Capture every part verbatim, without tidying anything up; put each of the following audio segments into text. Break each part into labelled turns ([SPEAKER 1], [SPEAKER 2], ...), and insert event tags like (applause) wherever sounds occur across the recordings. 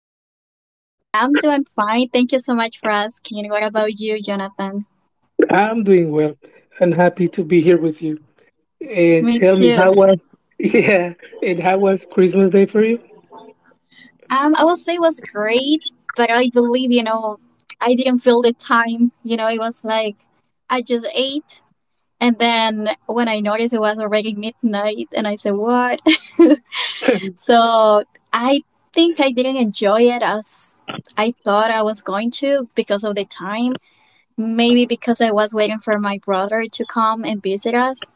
[SPEAKER 1] Hi, this is Christina. I'm doing fine. Thank you so much for asking. What about you, Jonathan?
[SPEAKER 2] I'm doing well and happy to be here with you. And
[SPEAKER 1] Me
[SPEAKER 2] tell me,
[SPEAKER 1] too.
[SPEAKER 2] how was (laughs) yeah? And how was Christmas Day for you?
[SPEAKER 1] Um, I will say it was great, but I believe, you know, I didn't feel the time. You know, it was like I just ate, and then when I noticed, it was already midnight, and I said, "What?" (laughs) so I think I didn't enjoy it as I thought I was going to, because of the time. Maybe because I was waiting for my brother to come and visit us.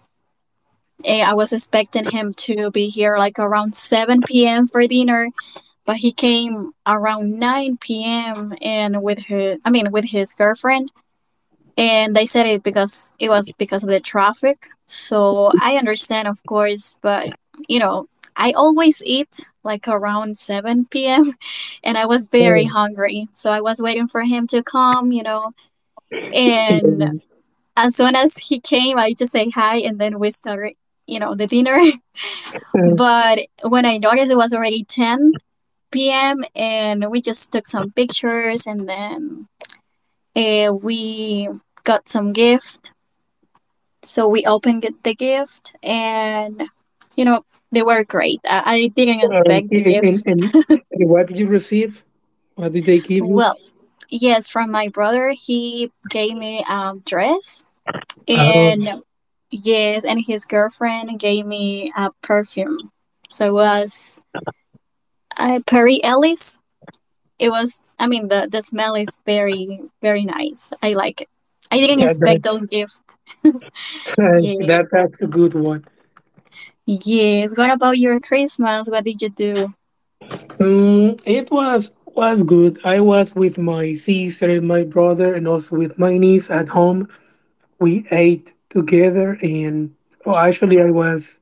[SPEAKER 1] Eh, I was expecting him to be here like around seven p m for dinner, but he came around nine p m and with her, I mean, with his girlfriend, and they said it because it was because of the traffic. So I understand, of course, but you know, I always eat like around seven p m (laughs) and I was very
[SPEAKER 2] Oh,
[SPEAKER 1] hungry. So I was waiting for him to come, you know. And
[SPEAKER 2] um,
[SPEAKER 1] as soon as he came, I just say hi, and then we started, you know, the dinner. (laughs)
[SPEAKER 2] uh,
[SPEAKER 1] But when I noticed, it was already ten p m, and we just took some pictures, and then uh, we got some gift. So we opened it- the gift, and you know they were great. I, I didn't
[SPEAKER 2] um,
[SPEAKER 1] expect the
[SPEAKER 2] and, and,
[SPEAKER 1] gift.
[SPEAKER 2] and what did you receive? What did they give you?
[SPEAKER 1] Well, yes, from my brother. He gave me a dress,
[SPEAKER 2] Oh,
[SPEAKER 1] and yes, and his girlfriend gave me a perfume. So it was uh, Perry Ellis. It was, I mean, the the smell is very very nice. I like it. I didn't
[SPEAKER 2] yeah, that,
[SPEAKER 1] expect those gifts.
[SPEAKER 2] (laughs)
[SPEAKER 1] (laughs)
[SPEAKER 2] that's,
[SPEAKER 1] yeah.
[SPEAKER 2] that, that's a good one.
[SPEAKER 1] Yes. What about your Christmas? What did you do?
[SPEAKER 2] Mm, it was was good. I was with my sister my brother, and also with my niece at home. We ate together, and oh, actually, I was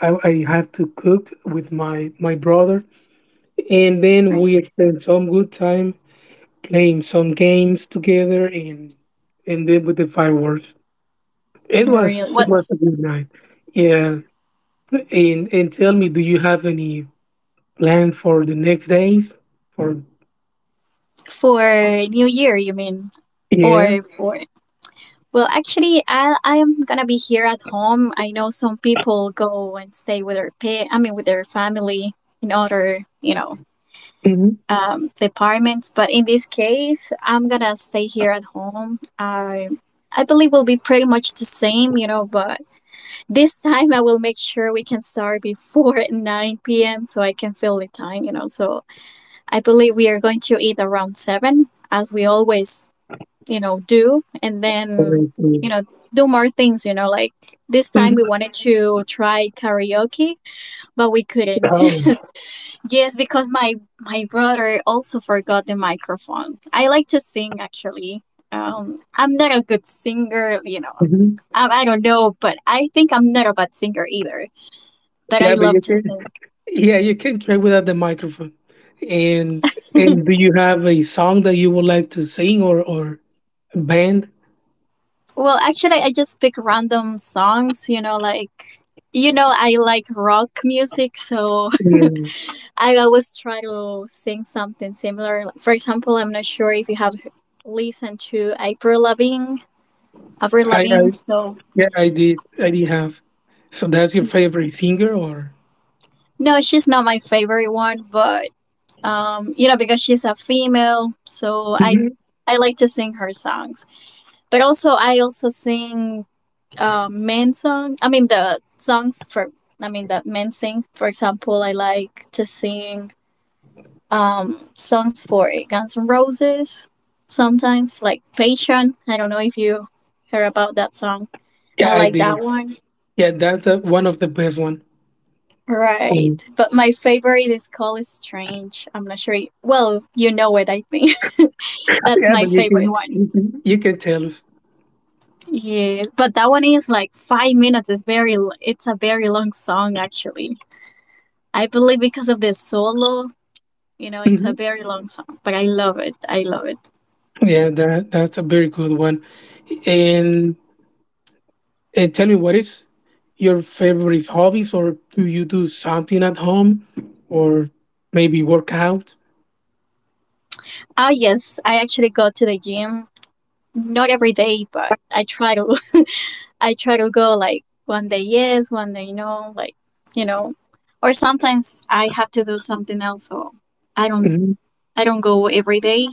[SPEAKER 2] I, I have to cook with my my brother, and then
[SPEAKER 1] Right.
[SPEAKER 2] we spent some good time playing some games together, and and then with the fireworks. It
[SPEAKER 1] Really,
[SPEAKER 2] was it
[SPEAKER 1] what,
[SPEAKER 2] was a good night. Yeah, and and tell me, do you have any plan for the next days? For
[SPEAKER 1] for New Year, you mean?
[SPEAKER 2] yeah.
[SPEAKER 1] Or for, well, actually, i i'm gonna be here at home. I know some people go and stay with their pet, I mean, with their family, in order, you know
[SPEAKER 2] Mm-hmm.
[SPEAKER 1] um, departments. But in this case, I'm gonna stay here at home. I I believe will be pretty much the same, you know. But this (laughs) time, I will make sure we can start before (laughs) nine p m so I can fill the time, you know. So I believe we are going to eat around seven, as we always, you know, do, and then you know do more things, you know like this time
[SPEAKER 2] Mhm.
[SPEAKER 1] we wanted to try karaoke, but we couldn't.
[SPEAKER 2] Oh,
[SPEAKER 1] Yes, because my my brother also forgot the microphone. I like to sing actually. Um, I'm not a good singer, you know.
[SPEAKER 2] mhm.
[SPEAKER 1] I, I don't know, but I think I'm not a bad singer either. But I
[SPEAKER 2] Yeah, but
[SPEAKER 1] love
[SPEAKER 2] you
[SPEAKER 1] to
[SPEAKER 2] can.
[SPEAKER 1] sing.
[SPEAKER 2] Yeah, you can track without the microphone. And and do you have a song that you would like to sing or or a band?
[SPEAKER 1] Well, actually, I just pick random songs, you know, like you know, I like rock music, so
[SPEAKER 2] Yeah,
[SPEAKER 1] (laughs) I always try to sing something similar. Like, for example, I'm not sure if you have listened to April Lavigne, Avril
[SPEAKER 2] I, I
[SPEAKER 1] Lavigne, so.
[SPEAKER 2] yeah I did I did have. So that's your favorite singer or?
[SPEAKER 1] No, she's not my favorite one, but um, you know, because she's a female, so I
[SPEAKER 2] Mhm.
[SPEAKER 1] I like to sing her songs. But also, I also sing um, men's song. I mean, the songs for I mean that men sing. For example, I like to sing um, songs for Guns N' Roses sometimes, like "Patient." I don't know if you heard about that song. I
[SPEAKER 2] Yeah, I
[SPEAKER 1] like that
[SPEAKER 2] did.
[SPEAKER 1] one.
[SPEAKER 2] Yeah, that's uh one of the best one.
[SPEAKER 1] Right.
[SPEAKER 2] Mm.
[SPEAKER 1] But my favorite is called Strange. I'm not sure. You, well, you know it, I think. (laughs) That's
[SPEAKER 2] Yeah,
[SPEAKER 1] my
[SPEAKER 2] but you
[SPEAKER 1] favorite
[SPEAKER 2] can
[SPEAKER 1] one.
[SPEAKER 2] you can, you can tell us.
[SPEAKER 1] Yeah. But that one is like 5 minutes. It's very l- it's a very long song actually. I believe, because of the solo, you know, it's a
[SPEAKER 2] hmm
[SPEAKER 1] very long song, but I love it. I love it.
[SPEAKER 2] Yeah, that that's a very good one. And And tell me, what is your favorite hobbies, or do you do something at home, or maybe work out?
[SPEAKER 1] Ah, yes. I actually go to the gym not every day, but I try to. I try to go like one day yes, one day no, like you know, or sometimes I have to do something else, so I don't
[SPEAKER 2] Mhm,
[SPEAKER 1] I don't go every day.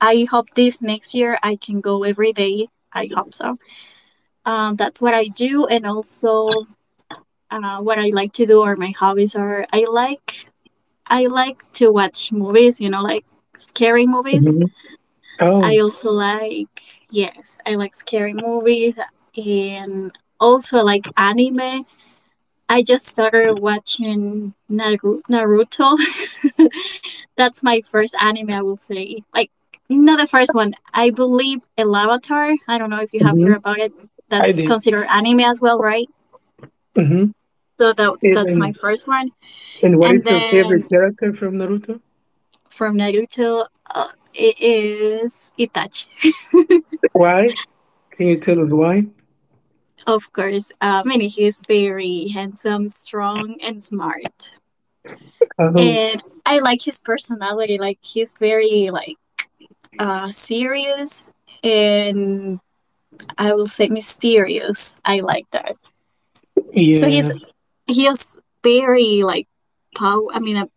[SPEAKER 1] I hope this next year I can go every day. I hope so. Um, that's what I do, and also uh, what I like to do, or my hobbies are. I like I like to watch movies, you know, like scary movies.
[SPEAKER 2] mhm. Oh,
[SPEAKER 1] I also like, yes, I like scary movies, and also like anime. I just started watching Naru- Naruto. (laughs) That's my first anime, I will say. Like, not the first one. I believe Elavatar. I don't know if you have
[SPEAKER 2] mhm,
[SPEAKER 1] heard about it.
[SPEAKER 2] I
[SPEAKER 1] That's
[SPEAKER 2] did.
[SPEAKER 1] considered anime as well, right?
[SPEAKER 2] Mhm.
[SPEAKER 1] So that that's my
[SPEAKER 2] And,
[SPEAKER 1] first one.
[SPEAKER 2] and what
[SPEAKER 1] And
[SPEAKER 2] is your favorite
[SPEAKER 1] then
[SPEAKER 2] character from Naruto?
[SPEAKER 1] from Naruto, uh, it is Itachi.
[SPEAKER 2] Why? Can you tell us why?
[SPEAKER 1] Of course, uh, I mean, he's very handsome, strong, and smart.
[SPEAKER 2] Oh,
[SPEAKER 1] And I like his personality. Like, he's very, like, uh, serious, and I will say mysterious. I like that. So he's
[SPEAKER 2] yeah.
[SPEAKER 1] he's very like power. I mean, uh,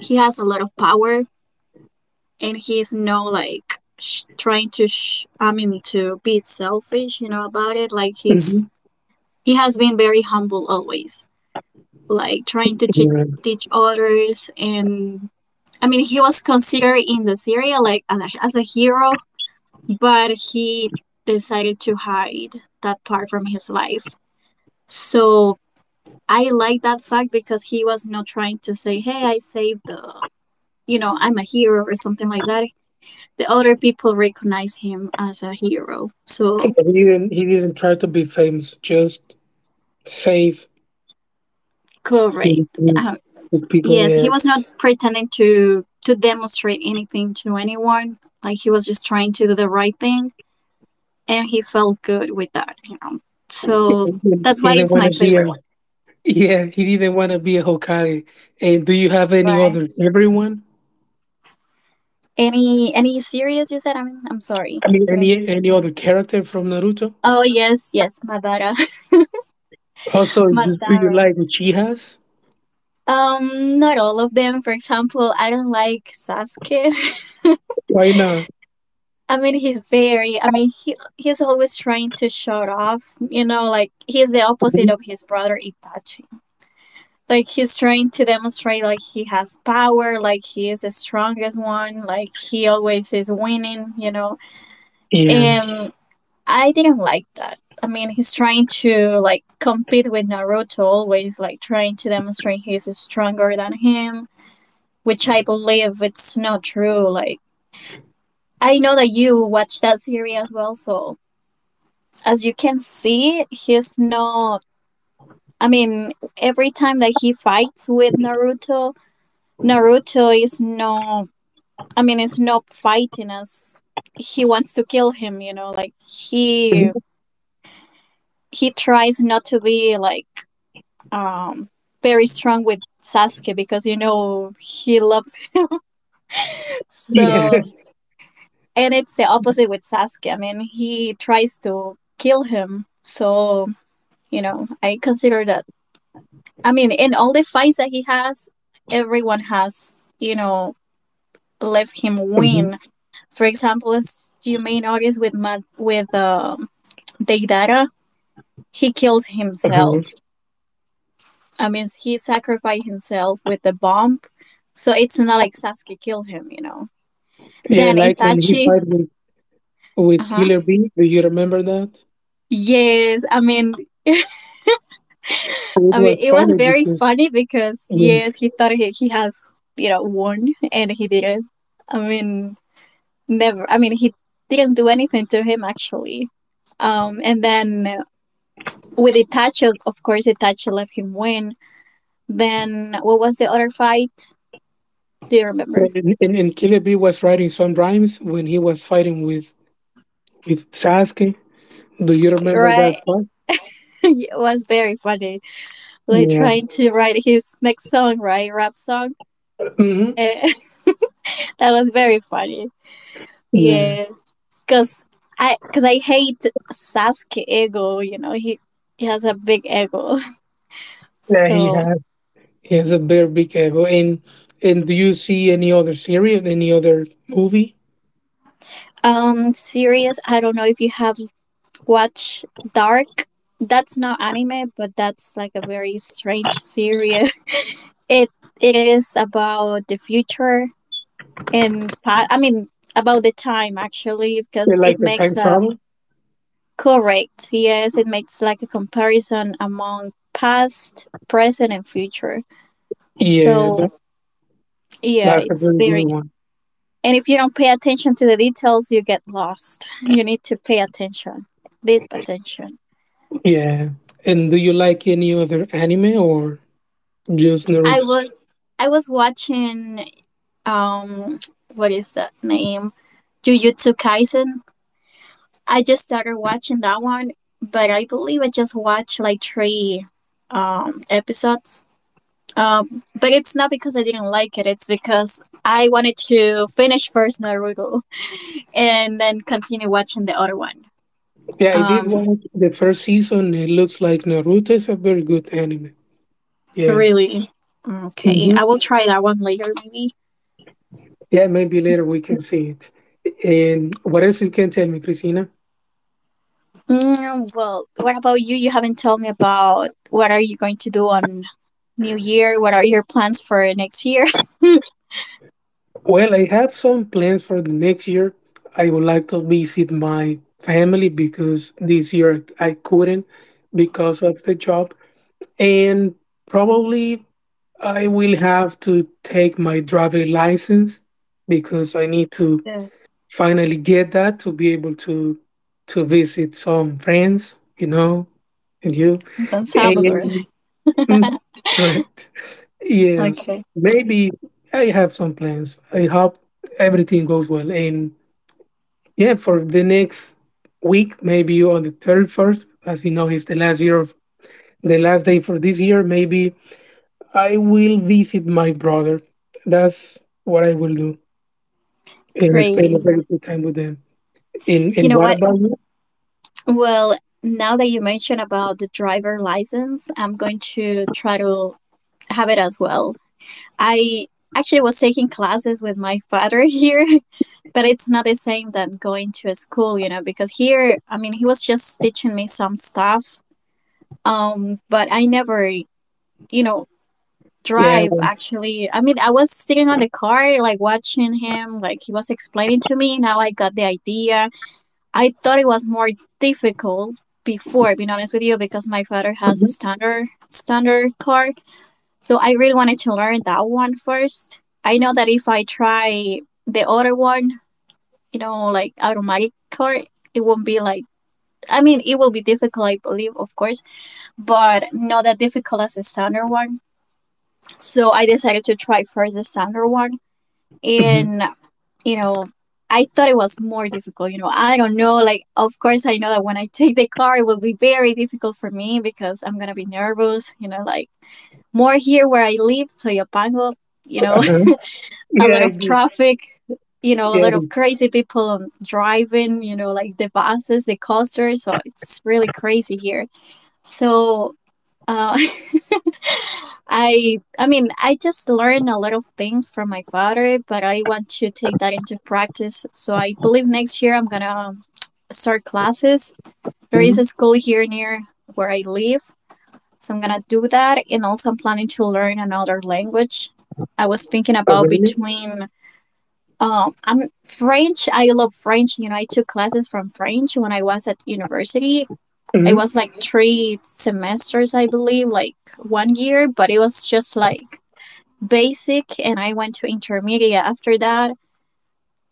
[SPEAKER 1] he has a lot of power, and he's no like sh- trying to. Sh- I mean, to be selfish, you know, about it. Like
[SPEAKER 2] hmm
[SPEAKER 1] he's he has been very humble always, like trying to teach
[SPEAKER 2] yeah.
[SPEAKER 1] teach others, and. I mean, he was considered in the series like as a, as a hero, but he decided to hide that part from his life. So I like that fact, because he was not trying to say, "Hey, I saved the, you know, I'm a hero," or something like that. The other people recognize him as a hero. So
[SPEAKER 2] He didn't. He didn't try to be famous. Just save his
[SPEAKER 1] correct. Uh,
[SPEAKER 2] friends with people.
[SPEAKER 1] yes,
[SPEAKER 2] Yeah.
[SPEAKER 1] he was not pretending to to demonstrate anything to anyone. Like he was just trying to do the right thing, and he felt good with that, you know. So that's
[SPEAKER 2] He
[SPEAKER 1] why
[SPEAKER 2] didn't
[SPEAKER 1] it's
[SPEAKER 2] want
[SPEAKER 1] my
[SPEAKER 2] to be a
[SPEAKER 1] favorite one.
[SPEAKER 2] Yeah, he didn't want to be a Hokage. And do you have any
[SPEAKER 1] Right.
[SPEAKER 2] other favorite one?
[SPEAKER 1] Any any series, you said? I mean, I'm sorry.
[SPEAKER 2] I mean,
[SPEAKER 1] Could
[SPEAKER 2] any any other character from Naruto?
[SPEAKER 1] Oh, yes, yes, Madara, (laughs)
[SPEAKER 2] Also, do do you
[SPEAKER 1] Madara.
[SPEAKER 2] like Uchihas?
[SPEAKER 1] Um, not all of them. For example, I don't like Sasuke. (laughs)
[SPEAKER 2] Why not?
[SPEAKER 1] I mean, he's very. I mean, he he's always trying to shut off. You know, like he's the opposite
[SPEAKER 2] Mhm.
[SPEAKER 1] of his brother Itachi. Like he's trying to demonstrate like he has power, like he is the strongest one, like he always is winning. You know,
[SPEAKER 2] Yeah,
[SPEAKER 1] and I didn't like that. I mean, he's trying to like compete with Naruto, always like trying to demonstrate he's stronger than him, which I believe it's not true. Like, I know that you watched that series as well, so as you can see, he's not. I mean, every time that he fights with Naruto, Naruto is no. I mean, it's not fighting us. He wants to kill him, you know. Like he
[SPEAKER 2] Mhm.
[SPEAKER 1] he tries not to be like um, very strong with Sasuke, because you know he loves (laughs)
[SPEAKER 2] yeah,
[SPEAKER 1] so
[SPEAKER 2] (laughs)
[SPEAKER 1] and it's the opposite with Sasuke. I mean, he tries to kill him. So, you know, I consider that, I mean, in all the fights that he has, everyone has, you know, left him
[SPEAKER 2] Mhm.
[SPEAKER 1] win. For example, as you may notice with Mad- with um Deidara, he kills
[SPEAKER 2] Uh-huh.
[SPEAKER 1] himself. I mean, he sacrificed himself with the bomb. So it's not like Sasuke killed him, you know.
[SPEAKER 2] yeah.
[SPEAKER 1] Then
[SPEAKER 2] Like when he
[SPEAKER 1] Itachi,
[SPEAKER 2] fight with with
[SPEAKER 1] uh-huh.
[SPEAKER 2] Killer B. Do you remember that?
[SPEAKER 1] Yes, I mean, (laughs)
[SPEAKER 2] It
[SPEAKER 1] I mean,
[SPEAKER 2] was
[SPEAKER 1] it was
[SPEAKER 2] funny
[SPEAKER 1] very
[SPEAKER 2] because
[SPEAKER 1] funny, because
[SPEAKER 2] um,
[SPEAKER 1] yes, he thought he, he has you know won, and he didn't. I mean, never. I mean, he didn't do anything to him actually. Um, and then uh, with Itachi, of course, Itachi left him win. Then what was the other fight? Do you remember?
[SPEAKER 2] and, and, and Killer B was writing some rhymes when he was fighting with with Sasuke. Do you remember that
[SPEAKER 1] Right,
[SPEAKER 2] part?
[SPEAKER 1] (laughs) it was very funny. Like
[SPEAKER 2] Yeah.
[SPEAKER 1] trying to write his next song, right, rap song.
[SPEAKER 2] hmm
[SPEAKER 1] Eh, (laughs) that was very funny.
[SPEAKER 2] Yeah.
[SPEAKER 1] Yes. Cause I, cause I hate Sasuke ego. You know, he he has a big ego. (laughs)
[SPEAKER 2] Yeah, he
[SPEAKER 1] So
[SPEAKER 2] has. Yes, a very big ego. And and do you see any other series, any other movie?
[SPEAKER 1] um, series. I don't know if you have watched Dark. That's not anime, but that's like a very strange series. (laughs) It it is about the future and pa- I mean about the time actually,
[SPEAKER 2] You
[SPEAKER 1] because
[SPEAKER 2] like
[SPEAKER 1] it
[SPEAKER 2] the
[SPEAKER 1] makes
[SPEAKER 2] time
[SPEAKER 1] a
[SPEAKER 2] travel?
[SPEAKER 1] correct, yes, it makes like a comparison among past, present, and future,
[SPEAKER 2] Yeah, that,
[SPEAKER 1] so. Yeah,
[SPEAKER 2] that's a
[SPEAKER 1] it's
[SPEAKER 2] very good
[SPEAKER 1] very.
[SPEAKER 2] one.
[SPEAKER 1] And if you don't pay attention to the details, you get lost. (laughs) You need to pay attention, deep attention.
[SPEAKER 2] Yeah. And do you like any other anime or just
[SPEAKER 1] I
[SPEAKER 2] Naruto?
[SPEAKER 1] was I was watching um what is that name? Jujutsu Kaisen. I just started watching that one, but I believe I just watched like three um episodes. Um, but it's not because I didn't like it. It's because I wanted to finish first Naruto (laughs) and then continue watching the other one.
[SPEAKER 2] Yeah, I did
[SPEAKER 1] Um,
[SPEAKER 2] watch the first season. It looks like Naruto is a very good anime. Yeah.
[SPEAKER 1] Really? Okay.
[SPEAKER 2] hmm
[SPEAKER 1] I will try that one later, maybe.
[SPEAKER 2] Yeah, maybe later we can see it. And what else you can tell me, Christina?
[SPEAKER 1] Mm, well, what about you? You haven't told me about what are you going to do on New Year? What are your plans for next year? (laughs)
[SPEAKER 2] Well, I have some plans for the next year. I would like to visit my family because this year I couldn't because of the job. And probably I will have to take my driver license because I need to
[SPEAKER 1] Yeah.
[SPEAKER 2] finally get that to be able to to visit some friends, you know, and you.
[SPEAKER 1] Don Salvador.
[SPEAKER 2] And (laughs)
[SPEAKER 1] (laughs)
[SPEAKER 2] Mhm, correct. Yeah,
[SPEAKER 1] Okay.
[SPEAKER 2] maybe I have some plans. I hope everything goes well. And yeah, for the next week, maybe on the thirty-first, as we know, is the last year of the last day for this year. Maybe I will visit my brother. That's what I will do and spend a
[SPEAKER 1] Great.
[SPEAKER 2] very good time with them. And,
[SPEAKER 1] You
[SPEAKER 2] and
[SPEAKER 1] know
[SPEAKER 2] what
[SPEAKER 1] what?
[SPEAKER 2] about you?
[SPEAKER 1] Well, now that you mentioned about the driver license, I'm going to try to have it as well. I actually was taking classes with my father here (laughs) but it's not the same than going to a school, you know because here, I mean, he was just teaching me some stuff, um but I never, you know
[SPEAKER 2] Yeah.
[SPEAKER 1] drive
[SPEAKER 2] what
[SPEAKER 1] actually. I mean, I was sitting on the car like watching him, like he was explaining to me. Now I got the idea. I thought it was more difficult before, being honest with you, because my father
[SPEAKER 2] about
[SPEAKER 1] has a
[SPEAKER 2] you?
[SPEAKER 1] standard standard car. So I really wanted to learn that one first. I know that if I try the other one, you know, like automatic car, it won't be like, I mean, it will be difficult, I believe, of course, but not that difficult as a standard one. So I decided to try first the standard one.
[SPEAKER 2] Mhm.
[SPEAKER 1] And, you know, I thought it was more difficult. You know, I don't know. Like, of course, I know that when I take the car, it will be very difficult for me because I'm going to be nervous, you know, like more here where I live, Soyapango, you know,
[SPEAKER 2] Uh-huh.
[SPEAKER 1] a
[SPEAKER 2] Yeah,
[SPEAKER 1] lot
[SPEAKER 2] I
[SPEAKER 1] of
[SPEAKER 2] do.
[SPEAKER 1] traffic, you know, a
[SPEAKER 2] Yeah.
[SPEAKER 1] lot of crazy people on driving, you know, like the buses, the coasters. So it's really crazy here. So uh, (laughs) I, I mean, I just learned a lot of things from my father, but I want to take that into practice. So I believe next year I'm gonna start classes. There is
[SPEAKER 2] Mhm.
[SPEAKER 1] a school here near where I live, so I'm gonna do that. And also, I'm planning to learn another language. I was thinking
[SPEAKER 2] Oh,
[SPEAKER 1] about
[SPEAKER 2] really?
[SPEAKER 1] between um I'm French. I love French. you know I took classes from French when I was at university. It was
[SPEAKER 2] Mhm.
[SPEAKER 1] like three semesters, I believe, like one year, but it was just like basic, and I went to intermediate. After that,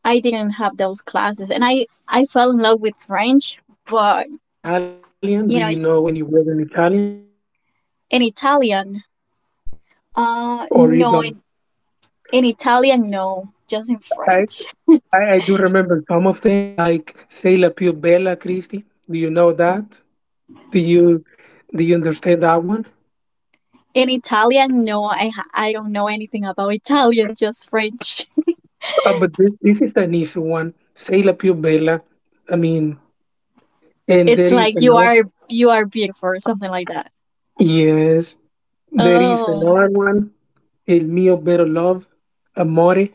[SPEAKER 1] I didn't have those classes, and i i fell in love with
[SPEAKER 2] I
[SPEAKER 1] French.
[SPEAKER 2] see. Yeah, I
[SPEAKER 1] But
[SPEAKER 2] used to learn Italian.
[SPEAKER 1] you
[SPEAKER 2] Do
[SPEAKER 1] know
[SPEAKER 2] you
[SPEAKER 1] it's
[SPEAKER 2] know any word in Italian?
[SPEAKER 1] in Italian, uh
[SPEAKER 2] Or you
[SPEAKER 1] no,
[SPEAKER 2] don't?
[SPEAKER 1] in, in Italian, no, just in
[SPEAKER 2] I,
[SPEAKER 1] French.
[SPEAKER 2] I, I do remember some of them, like Sei la più bella Christi. Do you know that? Do you do you understand that one?
[SPEAKER 1] In Italian, no, i ha- I don't know anything about Italian, just French. (laughs)
[SPEAKER 2] Uh, but this, this is an easy one. Sei la più bella. I mean, and
[SPEAKER 1] It's
[SPEAKER 2] there is
[SPEAKER 1] like, you
[SPEAKER 2] another.
[SPEAKER 1] are you are beautiful, or something like that.
[SPEAKER 2] Yes, there is
[SPEAKER 1] Oh,
[SPEAKER 2] another one. El mio better love, amore.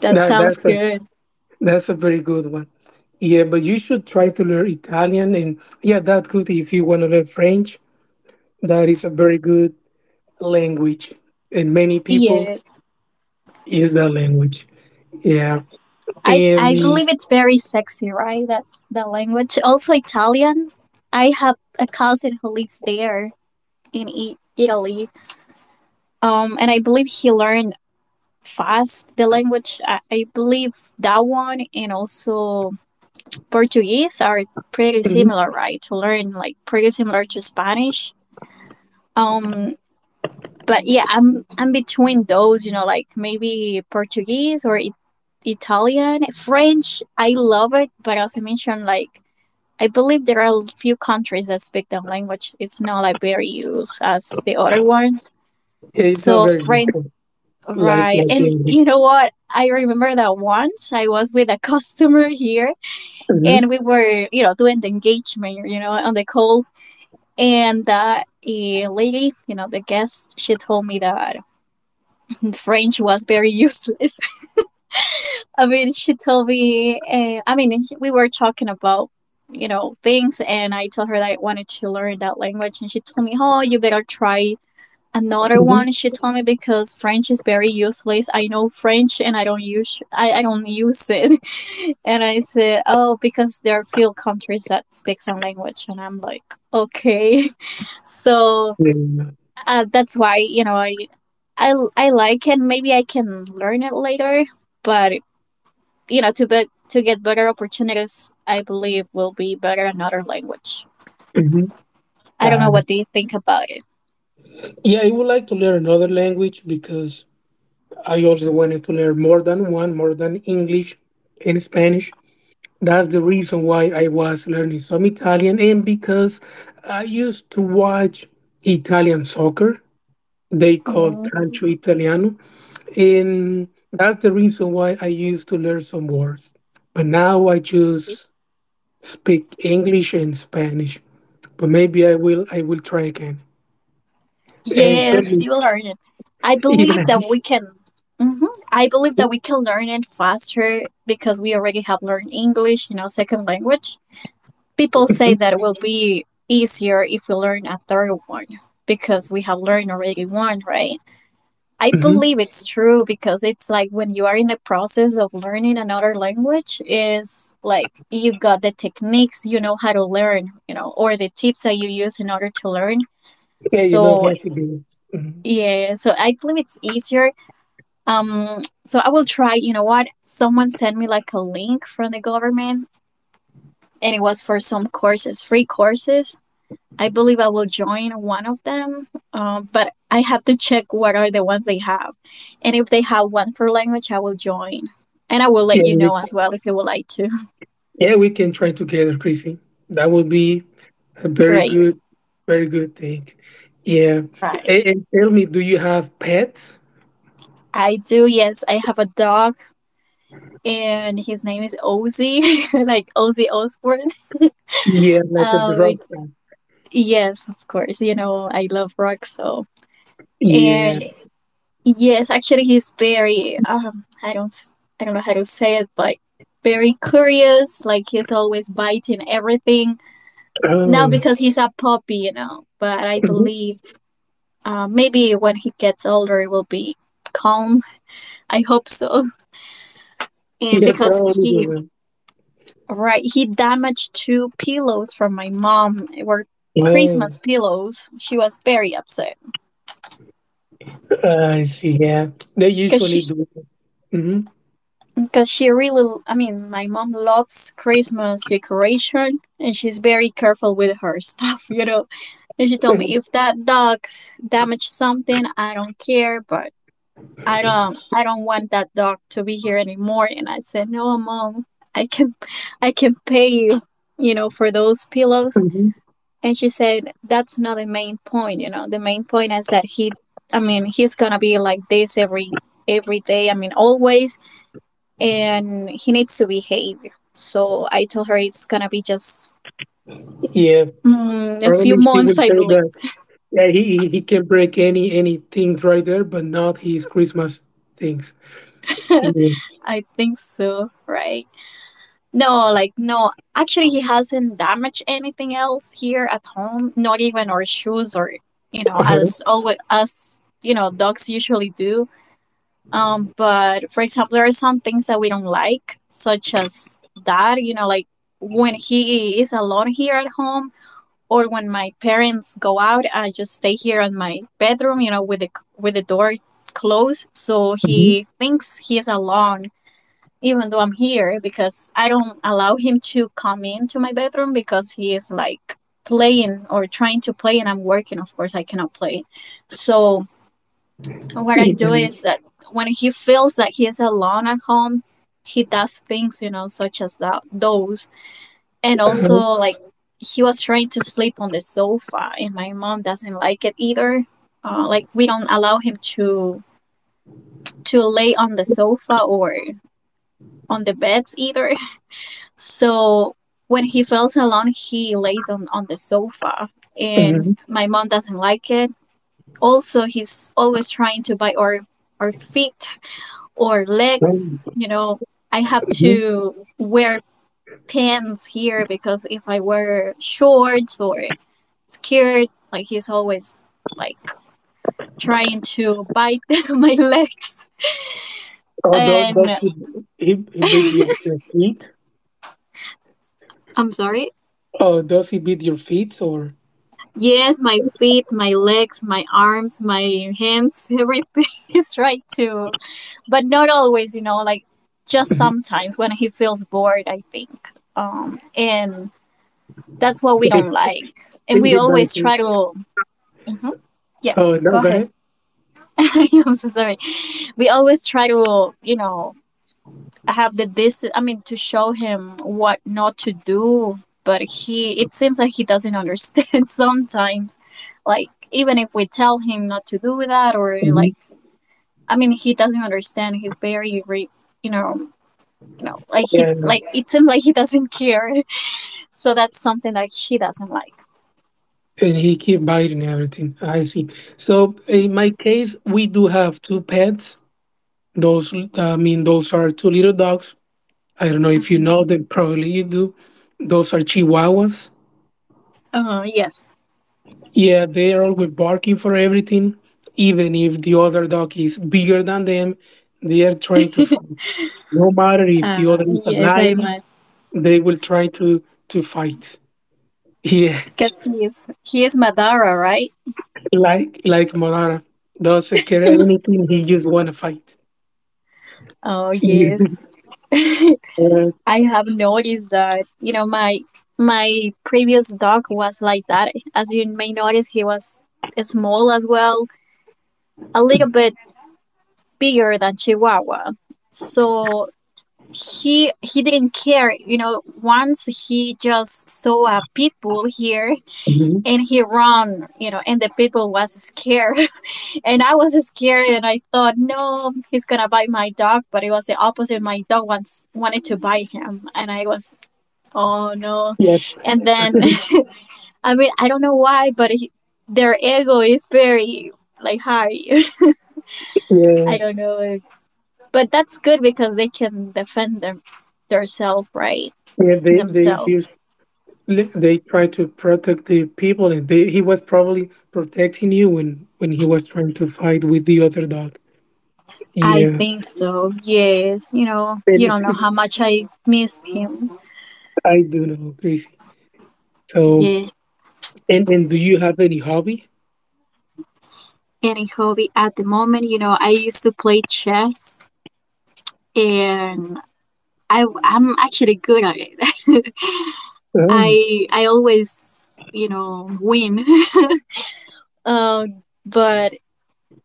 [SPEAKER 1] that
[SPEAKER 2] That
[SPEAKER 1] sounds
[SPEAKER 2] that's a
[SPEAKER 1] good.
[SPEAKER 2] that's a very good one. Yeah, but you should try to learn Italian, and yeah, that's good if you want to learn French. That is a very good language, and many people
[SPEAKER 1] Yeah.
[SPEAKER 2] use that language. Yeah,
[SPEAKER 1] I I
[SPEAKER 2] and
[SPEAKER 1] believe it's very sexy, right? That the language. Also Italian. I have a cousin who lives there in I- Italy. Um and I believe he learned fast the language. I, I believe that one and also Portuguese are pretty
[SPEAKER 2] mhm,
[SPEAKER 1] similar, right? To learn, like, pretty similar to Spanish. Um but yeah, I'm I'm between those, you know, like maybe Portuguese or it, Italian, French. I love it, but as I mentioned, like, I believe there are few countries that speak that language. It's not like very used as the other ones.
[SPEAKER 2] yeah, it's not
[SPEAKER 1] So
[SPEAKER 2] very
[SPEAKER 1] French,
[SPEAKER 2] difficult. Like
[SPEAKER 1] right?
[SPEAKER 2] like
[SPEAKER 1] And
[SPEAKER 2] English.
[SPEAKER 1] you know what? I remember that once I was with a (laughs) customer here,
[SPEAKER 2] hmm
[SPEAKER 1] and we were, you know, doing the engagement, you know, on the call, and uh, a lady, you know, the guest, she told me that French was very useless. (laughs) I mean, she told me, uh, I mean, we were talking about, you know, things, and I told her that I wanted to learn that language, and she told me, oh, you better try another
[SPEAKER 2] hmm
[SPEAKER 1] one. She told me because French is very useless. I know French, and I don't use, I, I don't use it. (laughs) And I said, oh, because there are few countries that speak some language, and I'm like, okay. (laughs) So
[SPEAKER 2] Yeah.
[SPEAKER 1] uh, that's why you know I, I I like it. Maybe I can learn it later, but you know to be, to get better opportunities, I believe will be better another language.
[SPEAKER 2] hmm
[SPEAKER 1] I don't know
[SPEAKER 2] Got it.
[SPEAKER 1] what do you think about it.
[SPEAKER 2] Yeah, I would like to learn another language because I also wanted to learn more than one, more than English and Spanish. That's the reason why I was learning some Italian, and because I used to watch Italian soccer. They call
[SPEAKER 1] Mm.
[SPEAKER 2] calcio italiano And that's the reason why I used to learn some words. But now I just speak English and Spanish. But maybe I will I will try again. And (laughs) tell
[SPEAKER 1] Yes,
[SPEAKER 2] you-
[SPEAKER 1] you will learn it. I believe
[SPEAKER 2] yeah,
[SPEAKER 1] that we can. Mhm. I believe that we can learn it faster because we already have learned English, you know, second language. People say that it will be easier if we learn a third one because we have learned already one, right? I
[SPEAKER 2] mhm.
[SPEAKER 1] believe it's true because it's like when you are in the process of learning another language is like you got the techniques, you know how to learn, you know, or the tips that you use in order to learn.
[SPEAKER 2] yeah, you know
[SPEAKER 1] So
[SPEAKER 2] how to do it. Mhm.
[SPEAKER 1] yeah, so I believe it's easier. Um so I will try, you know what? Someone sent me like a link from the government, and it was for some courses, free courses. I believe I will join one of them, uh, but I have to check what are the ones they have. And if they have one for language, I will join. And I will let
[SPEAKER 2] Yeah,
[SPEAKER 1] you
[SPEAKER 2] we,
[SPEAKER 1] know as well if you would like to.
[SPEAKER 2] yeah, we can try together, Chrissy. That would be a
[SPEAKER 1] (laughs)
[SPEAKER 2] very
[SPEAKER 1] Great.
[SPEAKER 2] good, very good thing. Yeah.
[SPEAKER 1] Right.
[SPEAKER 2] A- And, tell me, do you have pets?
[SPEAKER 1] I do, yes. I have a dog, and his name is Ozzy, (laughs) like Ozzy Osbourne.
[SPEAKER 2] Yeah, like a
[SPEAKER 1] Um,
[SPEAKER 2] drug
[SPEAKER 1] yes, of course. You know, I love rock, so.
[SPEAKER 2] Yeah.
[SPEAKER 1] And yes, actually, he's very um I don't s- I don't know how to say it, but very curious. Like, he's always biting everything. Now
[SPEAKER 2] Oh.
[SPEAKER 1] because he's a puppy, you know. But I
[SPEAKER 2] Mhm.
[SPEAKER 1] believe uh, maybe when he gets older, it will be calm. I hope so.
[SPEAKER 2] (laughs)
[SPEAKER 1] And
[SPEAKER 2] Yeah,
[SPEAKER 1] because
[SPEAKER 2] probably.
[SPEAKER 1] he
[SPEAKER 2] Do
[SPEAKER 1] right he damaged two pillows from my mom. It were
[SPEAKER 2] that. Oh.
[SPEAKER 1] Christmas pillows. She was very upset
[SPEAKER 2] I see. Yeah, they
[SPEAKER 1] because
[SPEAKER 2] usually
[SPEAKER 1] she
[SPEAKER 2] do. Mm-hmm.
[SPEAKER 1] because she really, I mean, my mom loves Christmas decoration, and she's very careful with her stuff. (laughs) you know and she told me,
[SPEAKER 2] hmm
[SPEAKER 1] if that dog damaged something, I don't care, but i don't i don't want that dog to be here anymore. And I said, no, Mom, i can i can pay you, you know for those pillows.
[SPEAKER 2] hmm
[SPEAKER 1] And she said, that's not the main point, you know the main point is that he I mean, he's gonna be like this every every day, I mean, always, and he needs to behave. So I told her, it's gonna be just
[SPEAKER 2] Yeah,
[SPEAKER 1] mm, a few
[SPEAKER 2] probably she
[SPEAKER 1] months,
[SPEAKER 2] will
[SPEAKER 1] I
[SPEAKER 2] say
[SPEAKER 1] believe.
[SPEAKER 2] that. Yeah, he he he can break any any things right there, but not his Christmas things. Yeah.
[SPEAKER 1] I think so, right? No, like, no. Actually, he hasn't damaged anything else here at home, not even our shoes or, you know,
[SPEAKER 2] Uh-huh.
[SPEAKER 1] as always, as, you know, dogs usually do. Um, but for example, there are some things that we don't like, such as that, you know, like when he is alone here at home, or when my parents go out, I just stay here in my bedroom, you know, with the with the door closed, so
[SPEAKER 2] hmm
[SPEAKER 1] he thinks he is alone, even though I'm here, because I don't allow him to come into my bedroom because he is like playing or trying to play, and I'm working. Of course, I cannot play. So what I
[SPEAKER 2] Yeah.
[SPEAKER 1] do is that when he feels that he is alone at home, he does things, you know, such as that those, and also,
[SPEAKER 2] Uh-huh.
[SPEAKER 1] like, he was trying to sleep on the sofa, and my mom doesn't like it either. Uh, like, we don't allow him to to lay on the sofa or on the beds either. (laughs) So when he feels alone, he lays on on the sofa, and
[SPEAKER 2] Mhm.
[SPEAKER 1] my mom doesn't like it. Also, he's always trying to bite our our feet or legs.
[SPEAKER 2] Mhm.
[SPEAKER 1] You know, I have to wear pants here because if I wear shorts or scared. Like, he's always like trying to bite (laughs) my legs.
[SPEAKER 2] Oh, does,
[SPEAKER 1] And
[SPEAKER 2] does he, he he beat your your feet?
[SPEAKER 1] I'm sorry.
[SPEAKER 2] Oh, does he beat your feet or?
[SPEAKER 1] Yes, my feet, my legs, my arms, my hands, everything (laughs) is right too. But not always, you know, like just
[SPEAKER 2] Mhm.
[SPEAKER 1] sometimes when he feels bored, I think. Um, and that's what we
[SPEAKER 2] He,
[SPEAKER 1] don't like. And we
[SPEAKER 2] he bites
[SPEAKER 1] always
[SPEAKER 2] you.
[SPEAKER 1] try to. Mhm. Yeah,
[SPEAKER 2] Oh no, go ahead.
[SPEAKER 1] (laughs) I'm so sorry. We always try to, you know, have the this, I mean, to show him what not to do, but he it seems like he doesn't understand (laughs) sometimes. Like, even if we tell him not to do that or,
[SPEAKER 2] Mhm.
[SPEAKER 1] like, I mean, he doesn't understand. He's very re, you know, you know, like he
[SPEAKER 2] Yeah.
[SPEAKER 1] like it seems like he doesn't care. (laughs) So that's something that she doesn't like.
[SPEAKER 2] And he keep biting everything. I see. So
[SPEAKER 1] Y-
[SPEAKER 2] in my case, we do have two pets. Those, uh, I mean, those are two little dogs. I don't know if you
[SPEAKER 1] Mhm.
[SPEAKER 2] know them. Probably you do. Those are Chihuahuas.
[SPEAKER 1] Oh, yes.
[SPEAKER 2] Yeah, they are always barking for everything. Even if the other dog is bigger than them, they are trying to fight. No matter if the
[SPEAKER 1] Uh,
[SPEAKER 2] other is a
[SPEAKER 1] yes, I
[SPEAKER 2] lion,
[SPEAKER 1] imagine.
[SPEAKER 2] they will try to to fight. Yeah,
[SPEAKER 1] 'Cause He is he is Madara, right?
[SPEAKER 2] (laughs) like like Monara doesn't care anything. He just wanna fight.
[SPEAKER 1] Oh,
[SPEAKER 2] (laughs)
[SPEAKER 1] yes.
[SPEAKER 2] Uh,
[SPEAKER 1] I have noticed that, you know, my my previous dog was like that. As you may notice, he was small as well, a little bit bigger than Chihuahua. So he he didn't care, you know, once he just saw a pit bull here
[SPEAKER 2] mhm.
[SPEAKER 1] and he ran, you know, and the pit bull was scared. (laughs) And I was scared, and I thought, no, he's gonna bite my dog, but it was the opposite. My dog wants wanted to bite him, and I was oh no.
[SPEAKER 2] yeah,
[SPEAKER 1] And then (laughs) I mean, I don't know why, but he, their ego is very, like, high. (laughs)
[SPEAKER 2] yeah,
[SPEAKER 1] I don't know. But that's good because they can defend them themselves, right?
[SPEAKER 2] yeah. They they
[SPEAKER 1] Themselves.
[SPEAKER 2] used, they try to protect the people, and they, he was probably protecting you when when he was trying to fight with the other dog.
[SPEAKER 1] I
[SPEAKER 2] Yeah,
[SPEAKER 1] think so. Yes, you know,
[SPEAKER 2] and
[SPEAKER 1] you don't know
[SPEAKER 2] (laughs)
[SPEAKER 1] how much I miss him.
[SPEAKER 2] I do know crazy. So,
[SPEAKER 1] Yeah.
[SPEAKER 2] and and do you have any hobby?
[SPEAKER 1] Any hobby at the moment? you know, I used to play chess, and I I'm actually good at it. (laughs)
[SPEAKER 2] Oh,
[SPEAKER 1] I I always, you know, win. (laughs) Um, but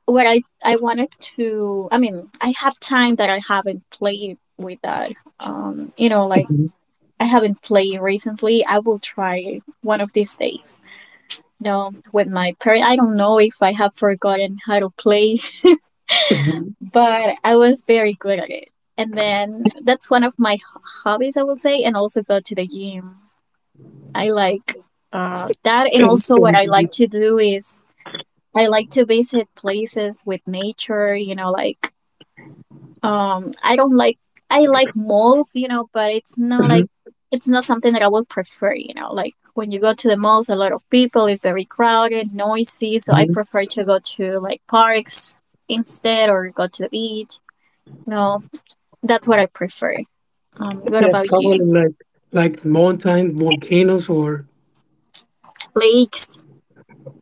[SPEAKER 1] what I I wanted to, I mean, I have time that I haven't played with that. Um, you know, like
[SPEAKER 2] mhm,
[SPEAKER 1] I haven't played recently. I will try one of these days. No, with my parents. I don't know if I have forgotten how to play, (laughs)
[SPEAKER 2] mhm.
[SPEAKER 1] but I was very good at it. And then that's one of my ho- hobbies, I will say, and also go to the gym. I like uh, that, and
[SPEAKER 2] and,
[SPEAKER 1] also what
[SPEAKER 2] and
[SPEAKER 1] I like to do is I like to visit places with nature, you know, like um I don't like I like malls, you know, but it's not like
[SPEAKER 2] mhm,
[SPEAKER 1] it's not something that I would prefer, you know, like when you go to the malls a lot of people, it's very crowded, noisy, so I
[SPEAKER 2] mhm.
[SPEAKER 1] prefer to go to like parks instead or go to the beach. You know, that's what I prefer. Um what
[SPEAKER 2] yeah,
[SPEAKER 1] about
[SPEAKER 2] probably
[SPEAKER 1] you?
[SPEAKER 2] like like mountain volcanoes or
[SPEAKER 1] Lakes,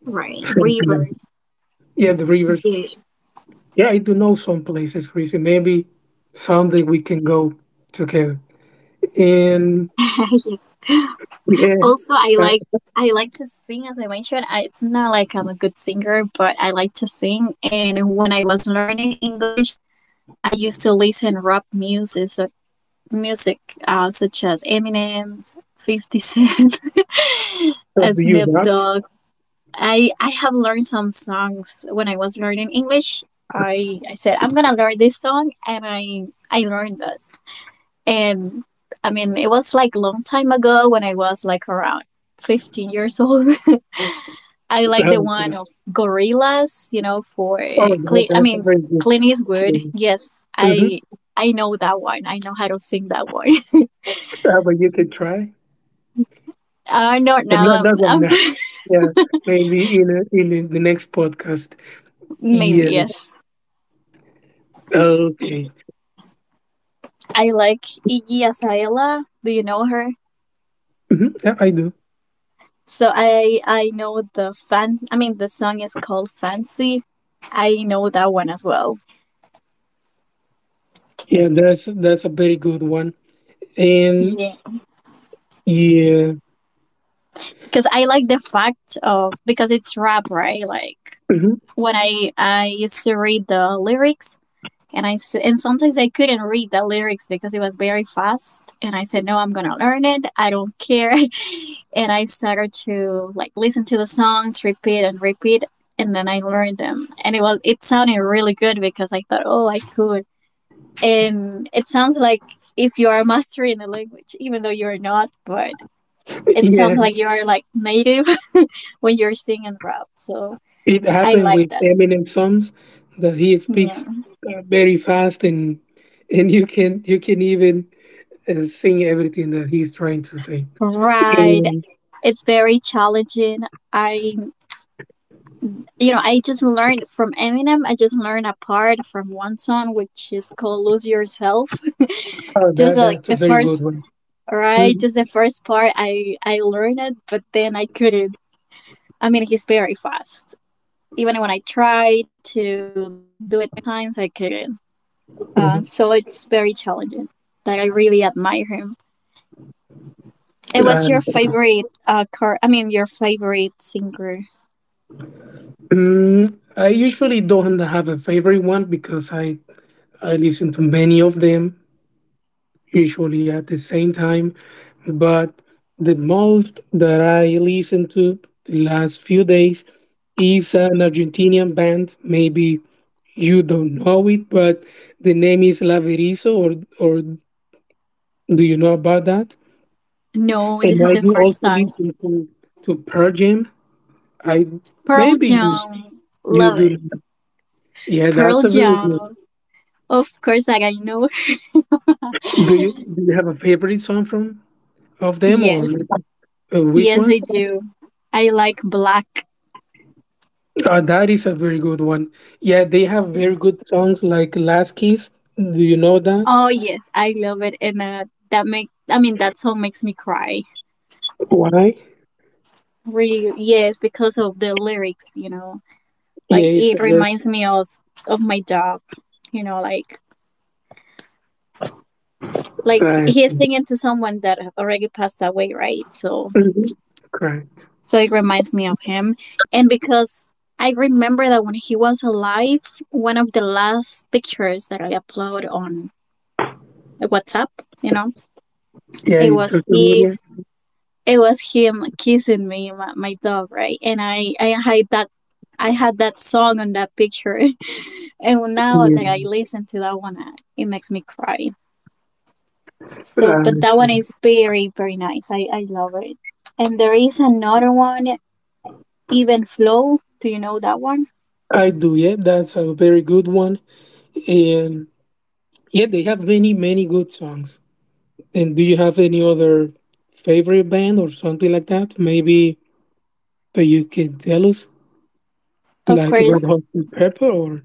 [SPEAKER 1] right,
[SPEAKER 2] something like
[SPEAKER 1] rivers.
[SPEAKER 2] yeah the rivers
[SPEAKER 1] Yeah.
[SPEAKER 2] Yeah, I do know some places, Chrissy. Maybe someday we can go together. And
[SPEAKER 1] (laughs)
[SPEAKER 2] yeah,
[SPEAKER 1] Also, I
[SPEAKER 2] uh,
[SPEAKER 1] like I like to sing, as I mentioned. I, it's not like I'm a good singer, but I like to sing. And when I was learning English, I used to listen rap music, so, music uh, such as Eminem, Fifty Cent, (laughs)
[SPEAKER 2] so
[SPEAKER 1] uh,
[SPEAKER 2] do you,
[SPEAKER 1] Snoop
[SPEAKER 2] Rob?
[SPEAKER 1] Dogg. I I have learned some songs when I was learning English. I I said, I'm gonna learn this song, and I I learned that. And I mean, it was like long time ago when I was like around fifteen years old. I like the
[SPEAKER 2] Um, oh,
[SPEAKER 1] one of gorillas, you know, for
[SPEAKER 2] that,
[SPEAKER 1] clean. I
[SPEAKER 2] that's a
[SPEAKER 1] mean,
[SPEAKER 2] very good.
[SPEAKER 1] Clint Eastwood. Yes,
[SPEAKER 2] Mm-hmm.
[SPEAKER 1] I I know that one. I know how to sing that one.
[SPEAKER 2] How about you can try,
[SPEAKER 1] (laughs) Uh, not
[SPEAKER 2] but
[SPEAKER 1] now.
[SPEAKER 2] not
[SPEAKER 1] I'm,
[SPEAKER 2] not right
[SPEAKER 1] I'm
[SPEAKER 2] now. Yeah, maybe in a, in the next podcast.
[SPEAKER 1] (laughs) maybe
[SPEAKER 2] Yeah.
[SPEAKER 1] yes.
[SPEAKER 2] Okay.
[SPEAKER 1] I like Iggy Azalea. Do you know her?
[SPEAKER 2] hmm Yeah, I do.
[SPEAKER 1] So I I know the fan. I mean, the song is called Fancy. I know that one as well.
[SPEAKER 2] Yeah, that's that's a very good one. And
[SPEAKER 1] Yeah,
[SPEAKER 2] yeah,
[SPEAKER 1] because I like the fact of because it's rap, right? Like
[SPEAKER 2] mhm.
[SPEAKER 1] when I I used to read the lyrics, And I s- and sometimes I couldn't read the lyrics because it was very fast. And I said, "No, I'm gonna learn it. I don't care." (laughs) And I started to like listen to the songs, repeat and repeat, and then I learned them. And it was it sounded really good because I thought, "Oh, I could." And it sounds like if you are mastering the language, even though you are not, but it sounds like you are like native (laughs) when you're singing rap. So
[SPEAKER 2] It
[SPEAKER 1] I
[SPEAKER 2] happened
[SPEAKER 1] like
[SPEAKER 2] with
[SPEAKER 1] that.
[SPEAKER 2] Eminem songs that he
[SPEAKER 1] Yeah.
[SPEAKER 2] speaks uh, very fast and and you can you can even uh, sing everything that he's trying to say.
[SPEAKER 1] Right.
[SPEAKER 2] And,
[SPEAKER 1] It's very challenging. I you know, I just learned from Eminem. I just learned a part from one song, which is called "Lose Yourself."
[SPEAKER 2] oh,
[SPEAKER 1] (laughs) Just
[SPEAKER 2] that
[SPEAKER 1] like
[SPEAKER 2] that's a
[SPEAKER 1] the
[SPEAKER 2] very
[SPEAKER 1] first,
[SPEAKER 2] good one.
[SPEAKER 1] right?
[SPEAKER 2] Mhm,
[SPEAKER 1] Just the first part, I I learned it, but then I couldn't. I mean, he's very fast. Even when I try to do it many times, I couldn't. Uh,
[SPEAKER 2] mhm.
[SPEAKER 1] so it's very challenging. That I really admire him. And what's your
[SPEAKER 2] And,
[SPEAKER 1] favorite uh car? I mean, your favorite singer?
[SPEAKER 2] mm, I usually don't have a favorite one because I I listen to many of them usually at the same time, but the most that I listened to the last few days is an Argentinian band, maybe You don't know it, but the name is Laverizo, or or do you know about that?
[SPEAKER 1] No, this
[SPEAKER 2] And
[SPEAKER 1] is
[SPEAKER 2] I
[SPEAKER 1] the
[SPEAKER 2] do
[SPEAKER 1] first
[SPEAKER 2] also
[SPEAKER 1] time.
[SPEAKER 2] listen to to Pearl Jam. I
[SPEAKER 1] Pearl
[SPEAKER 2] maybe you
[SPEAKER 1] Jam,
[SPEAKER 2] you
[SPEAKER 1] love
[SPEAKER 2] do.
[SPEAKER 1] it.
[SPEAKER 2] Know. Yeah,
[SPEAKER 1] Pearl
[SPEAKER 2] that's a very good.
[SPEAKER 1] Jam. Of course, I know. (laughs)
[SPEAKER 2] Do you do you have a favorite song from of them
[SPEAKER 1] Yes,
[SPEAKER 2] or uh, which
[SPEAKER 1] yes,
[SPEAKER 2] one?
[SPEAKER 1] I do. I like black.
[SPEAKER 2] Uh, that is a very good one. Yeah, they have very good songs like Last Kiss. Do you know that?
[SPEAKER 1] Oh yes, I love it, and uh, that make I mean that song makes me cry.
[SPEAKER 2] Why?
[SPEAKER 1] Really, yes, because of the lyrics, you know,
[SPEAKER 2] Yeah,
[SPEAKER 1] like
[SPEAKER 2] it's
[SPEAKER 1] it
[SPEAKER 2] a very
[SPEAKER 1] reminds me of of my dog, you know, like like
[SPEAKER 2] uh,
[SPEAKER 1] he is singing to someone that have already passed away, right? So
[SPEAKER 2] mhm, correct.
[SPEAKER 1] so it reminds me of him, and because I remember that when he was alive, one of the last pictures that I upload on WhatsApp, you know
[SPEAKER 2] Yeah,
[SPEAKER 1] it
[SPEAKER 2] you
[SPEAKER 1] was
[SPEAKER 2] social media.
[SPEAKER 1] his it was him kissing me my, my dog, right? And i i had that i had that song on that picture (laughs) and now
[SPEAKER 2] Yeah.
[SPEAKER 1] that i listen to that one I, it makes me cry. So but that
[SPEAKER 2] Uh,
[SPEAKER 1] one is very, very nice. I i love it, and there is another one, Even Flow, do you know that one?
[SPEAKER 2] I do, yeah. That's a very good one. And yeah, they have many, many good songs. And do you have any other favorite band or something like that? Maybe that you can tell us,
[SPEAKER 1] Of
[SPEAKER 2] like
[SPEAKER 1] course.
[SPEAKER 2] about Hot Chili Pepper, or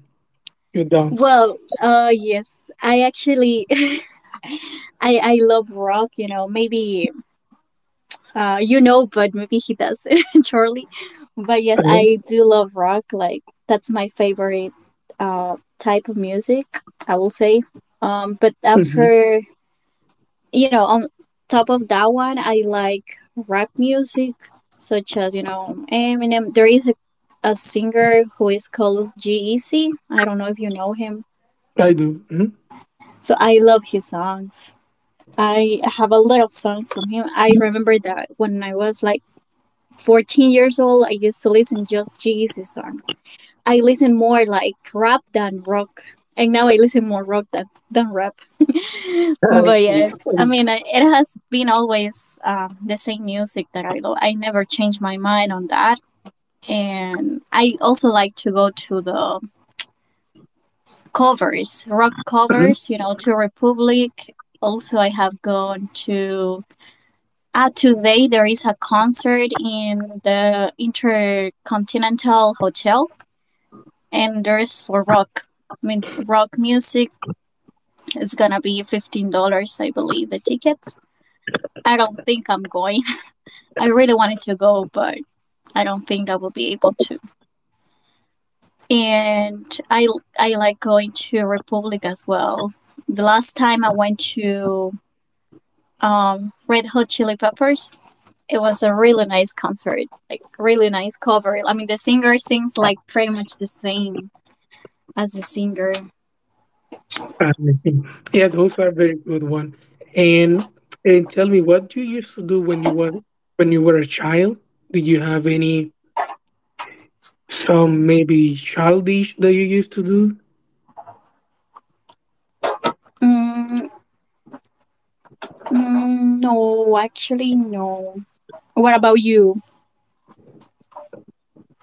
[SPEAKER 2] you don't?
[SPEAKER 1] Well uh yes, I actually (laughs) i i love rock, you know, maybe Uh, you know, but maybe he doesn't, (laughs) Charlie. But yes,
[SPEAKER 2] Uh-huh.
[SPEAKER 1] I do love rock. Like that's my favorite uh type of music, I will say. Um, but
[SPEAKER 2] Mhm.
[SPEAKER 1] after, you know, on top of that one, I like rap music, such as, you know, Eminem. There is a a singer who is called G-Eazy. I don't know if you know him.
[SPEAKER 2] I do. Mhm.
[SPEAKER 1] So I love his songs. I have a lot of songs from him. I remember that when I was like fourteen years old, I used to listen just Jesus songs. I listen more like rap than rock. And now I listen more rock than, than rap. (laughs)
[SPEAKER 2] I
[SPEAKER 1] But
[SPEAKER 2] see.
[SPEAKER 1] yes, I mean, I- it has been always um, the same music that I love. I never changed my mind on that. And I also like to go to the covers, rock
[SPEAKER 2] Mhm.
[SPEAKER 1] covers, you know, to Republic. Also, I have gone to Ah, today there is a concert in the Intercontinental Hotel, and there's for rock. I mean, rock music is gonna be fifteen dollars, I believe, the tickets. I don't think I'm going. (laughs) I really wanted to go, but I don't think I will be able to. And I I like going to Republic as well. The last time I went to um, Red Hot Chili Peppers, it was a really nice concert, like really nice cover. I mean, the singer sings like pretty much the same as the singer.
[SPEAKER 2] I see. Yeah, those are very good one. And and tell me, what you used to do when you were when you were a child? Did you have any some maybe childish that you used to do?
[SPEAKER 1] Mm. Mm, no, actually, no. What about you?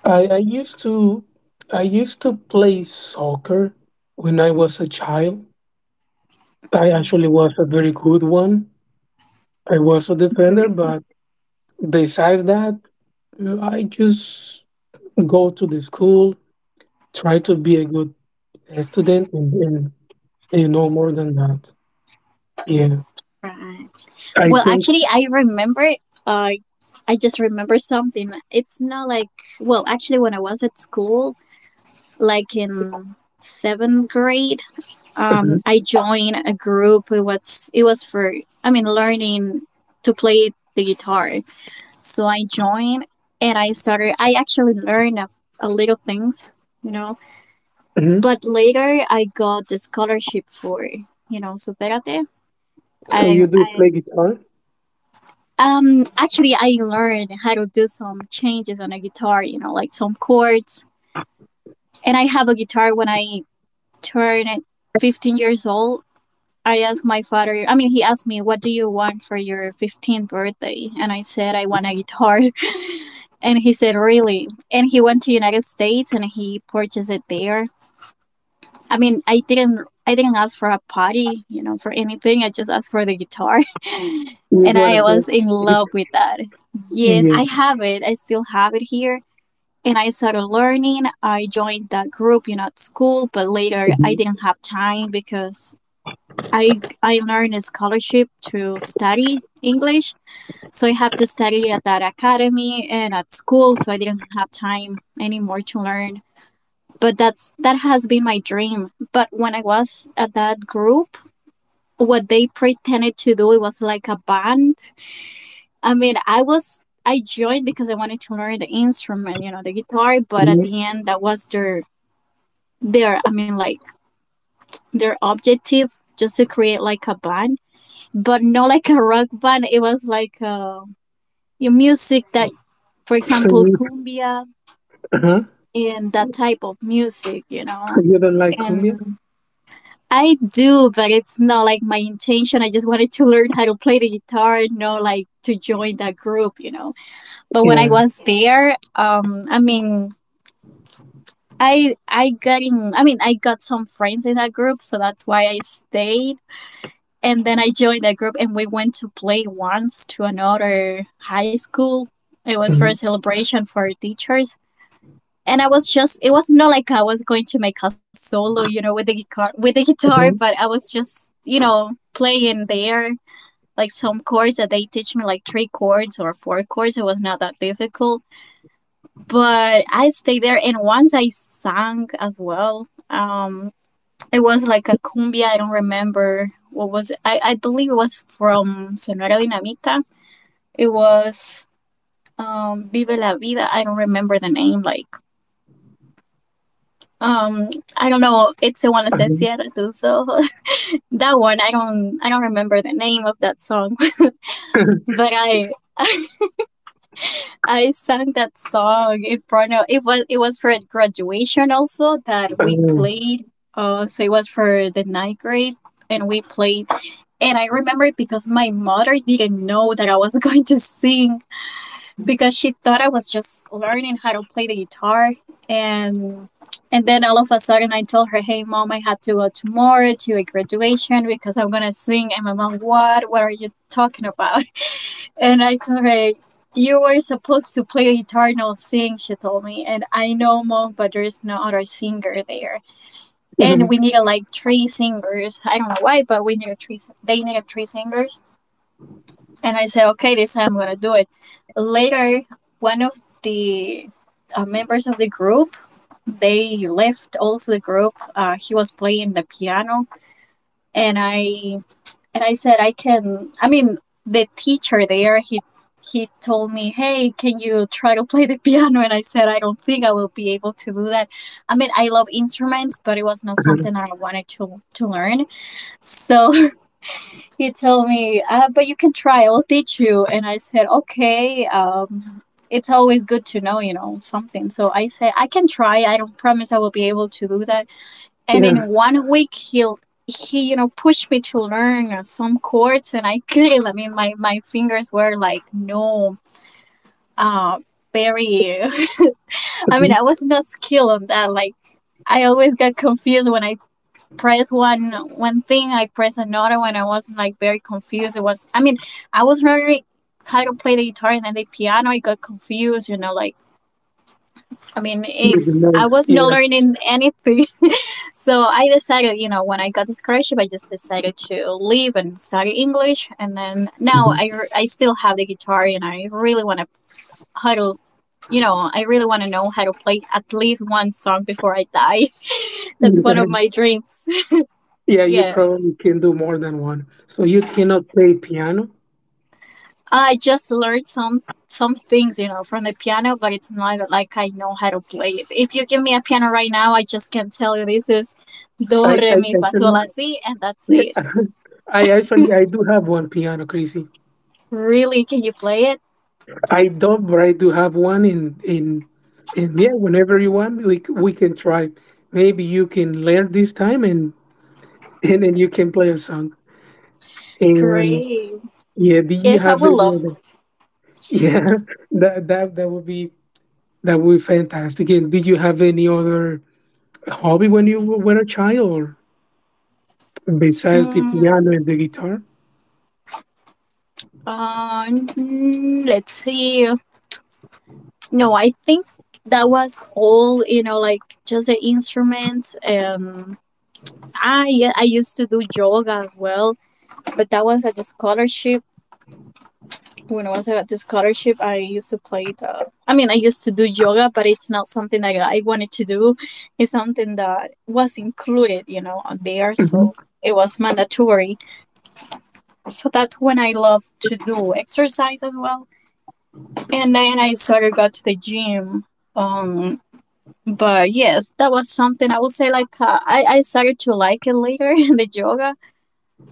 [SPEAKER 2] I, I used to I used to play soccer when I was a child. I actually was a very good one. I was a defender,
[SPEAKER 1] Right.
[SPEAKER 2] but besides that, I just go to the school, try to be a good student, and, and, and no more than that. Yeah,
[SPEAKER 1] Right.
[SPEAKER 2] I
[SPEAKER 1] Well,
[SPEAKER 2] think.
[SPEAKER 1] actually, I remember. Uh, I just remember something. It's not like, well, actually, when I was at school, like in seventh grade, um,
[SPEAKER 2] Mhm,
[SPEAKER 1] I joined a group. It was it was for, I mean, learning to play the guitar. So I joined and I started. I actually learned a, a little things, you know.
[SPEAKER 2] mhm.
[SPEAKER 1] But later I got the scholarship for, you know, Superate.
[SPEAKER 2] So you
[SPEAKER 1] I,
[SPEAKER 2] do
[SPEAKER 1] I
[SPEAKER 2] play guitar?
[SPEAKER 1] um actually I learned how to do some changes on a guitar, you know, like some chords. And I have a guitar when I turned fifteen years old. I asked my father, I mean, he asked me, "What do you want for your fifteenth birthday?" And I said, "I want a guitar." (laughs) And he said, "Really?" And he went to United States and he purchased it there. I mean, I didn't I didn't ask for a party, you know, for anything. I just asked for the guitar. (laughs)
[SPEAKER 2] You
[SPEAKER 1] And
[SPEAKER 2] want to
[SPEAKER 1] I
[SPEAKER 2] go?
[SPEAKER 1] was in love with that. Yes,
[SPEAKER 2] Yeah.
[SPEAKER 1] I have it. I still have it here. And I started learning. I joined that group, you know, at school, but later I
[SPEAKER 2] mhm,
[SPEAKER 1] didn't have time because I I earned a scholarship to study English. So I have to study at that academy and at school, so I didn't have time anymore to learn. But that's that has been my dream. But when I was at that group, what they pretended to do, it was like a band. I mean, i was i joined because I wanted to learn the instrument, you know, the guitar, but at
[SPEAKER 2] mhm.
[SPEAKER 1] the end that was their their I mean, like, their objective, just to create like a band, but not (laughs) like a rock band. It was like uh, your music that, for
[SPEAKER 2] So
[SPEAKER 1] example,
[SPEAKER 2] you,
[SPEAKER 1] cumbia
[SPEAKER 2] uh-huh.
[SPEAKER 1] and that type of music, you
[SPEAKER 2] So
[SPEAKER 1] know.
[SPEAKER 2] you don't like
[SPEAKER 1] And
[SPEAKER 2] cumbia?
[SPEAKER 1] I do, but it's not like my intention. I just wanted to learn how to play the guitar, not like to join that group, you know. But when I
[SPEAKER 2] Yeah.
[SPEAKER 1] was there, um, I mean, I I got in. I mean, I got some friends in that group, so that's why I stayed. And then I joined that group, and we went to play once to another high school. It was for a
[SPEAKER 2] mhm,
[SPEAKER 1] celebration for teachers, and I was just, it was not like I was going to make a solo, you know, with the guitar with the guitar, but I was just, you know, playing there like some chords that they teach me like three chords or four chords. It was not that difficult. But I stayed there, and once I sang as well. Um it was like a cumbia, I don't remember what was it. I, I believe it was from Sonora Dinamita. It was um Vive la Vida. I don't remember the name, like, Um, I don't know. It's the one that says
[SPEAKER 2] Mhm,
[SPEAKER 1] Sierra too. So (laughs) that one, I don't, I don't remember the name of that song, (laughs) but I, I sang that song in front of. It was, it was for a graduation also that we
[SPEAKER 2] mhm,
[SPEAKER 1] played. Uh, so it was for the ninth grade, and we played. And I remember it because my mother didn't know that I was (laughs) going to sing, because she thought I was just learning how to play the guitar, and and then all of a sudden I told her, "Hey mom, I have to go tomorrow to a graduation because I'm going to sing." And my mom, "What? What are you talking about?" (laughs) And I told her, "You were supposed to play guitar, not sing," she told me. And I know mom, but there is no other singer there. And
[SPEAKER 2] mhm,
[SPEAKER 1] we need like three singers. I don't know why, but we need three. They need three singers and I said, okay, this time I'm gonna do it. Later, one of the uh, members of the group they left also the group. Uh, he was playing the piano, and I and I said I can. I mean, the teacher there he he told me, hey, can you try to play the (laughs) piano? And I said I don't think I will be able to do that. I mean, I love instruments, but it was not
[SPEAKER 2] mhm.
[SPEAKER 1] something I wanted to to learn. So he told me, uh, but you can try, I'll teach you. And I said, okay, um, it's always good to know, you know, something. So I said, I can try. I don't promise I will be able to do that. And
[SPEAKER 2] Yeah,
[SPEAKER 1] in one week, he'll, he, you know, pushed me to learn uh, some chords and I couldn't. I mean, my, my fingers were like, no, uh, very, (laughs)
[SPEAKER 2] but
[SPEAKER 1] I mean,
[SPEAKER 2] you
[SPEAKER 1] I was not skilled on that. Like, I always got confused when I press one one thing, I press another one. I was like very confused. It was I mean, I was learning how to play the guitar and then the piano. I got confused, you know, like I mean, it, I
[SPEAKER 2] remote.
[SPEAKER 1] was not
[SPEAKER 2] Yeah,
[SPEAKER 1] learning anything. (laughs) So I decided, you know, when I got the scholarship, I just decided to leave and study English. And then now I,
[SPEAKER 2] Mhm.
[SPEAKER 1] I still have the guitar and I really want to how to, you know, I really want to know how to play at least one song before I die. (laughs) That's one
[SPEAKER 2] yeah,
[SPEAKER 1] of my dreams. (laughs)
[SPEAKER 2] yeah. You
[SPEAKER 1] Yeah.
[SPEAKER 2] probably can do more than one. So you cannot play piano.
[SPEAKER 1] I just learned some some things, you know, from the piano, but it's not like I know how to play it. If you give me a piano right now, I just can tell you this is do
[SPEAKER 2] I,
[SPEAKER 1] re
[SPEAKER 2] I,
[SPEAKER 1] mi
[SPEAKER 2] I
[SPEAKER 1] fa sol
[SPEAKER 2] still-
[SPEAKER 1] la si, and that's
[SPEAKER 2] yeah,
[SPEAKER 1] it.
[SPEAKER 2] I actually I do have one piano, Chrissy.
[SPEAKER 1] Really, can you play it?
[SPEAKER 2] I don't, but I do have one in in in yeah. Whenever you want, we c- we can try. Maybe you can learn this time, and and then you can play a song. And
[SPEAKER 1] Great.
[SPEAKER 2] yeah, do you
[SPEAKER 1] Yes, I
[SPEAKER 2] have
[SPEAKER 1] would
[SPEAKER 2] any
[SPEAKER 1] love.
[SPEAKER 2] other? (laughs)
[SPEAKER 1] This.
[SPEAKER 2] Yeah, that that that would be That would be fantastic. And did you have any other hobby when you w- were a child, or besides the
[SPEAKER 1] Mm,
[SPEAKER 2] piano and the guitar?
[SPEAKER 1] uh, mm, let's see. No, I think that was all. You know, like just the instruments. Um, I I used to do yoga as well, but that was at the scholarship when once I got the scholarship, I used to play the. I mean, I used to do yoga, but it's not something that I wanted to do. It's something that was included, you know, on there,
[SPEAKER 2] Mhm.
[SPEAKER 1] so it was mandatory. So that's when I love to do exercise as well. And then I started go to the gym. Um, but yes, that was something I would say like uh, I I started to like it later (laughs) the yoga.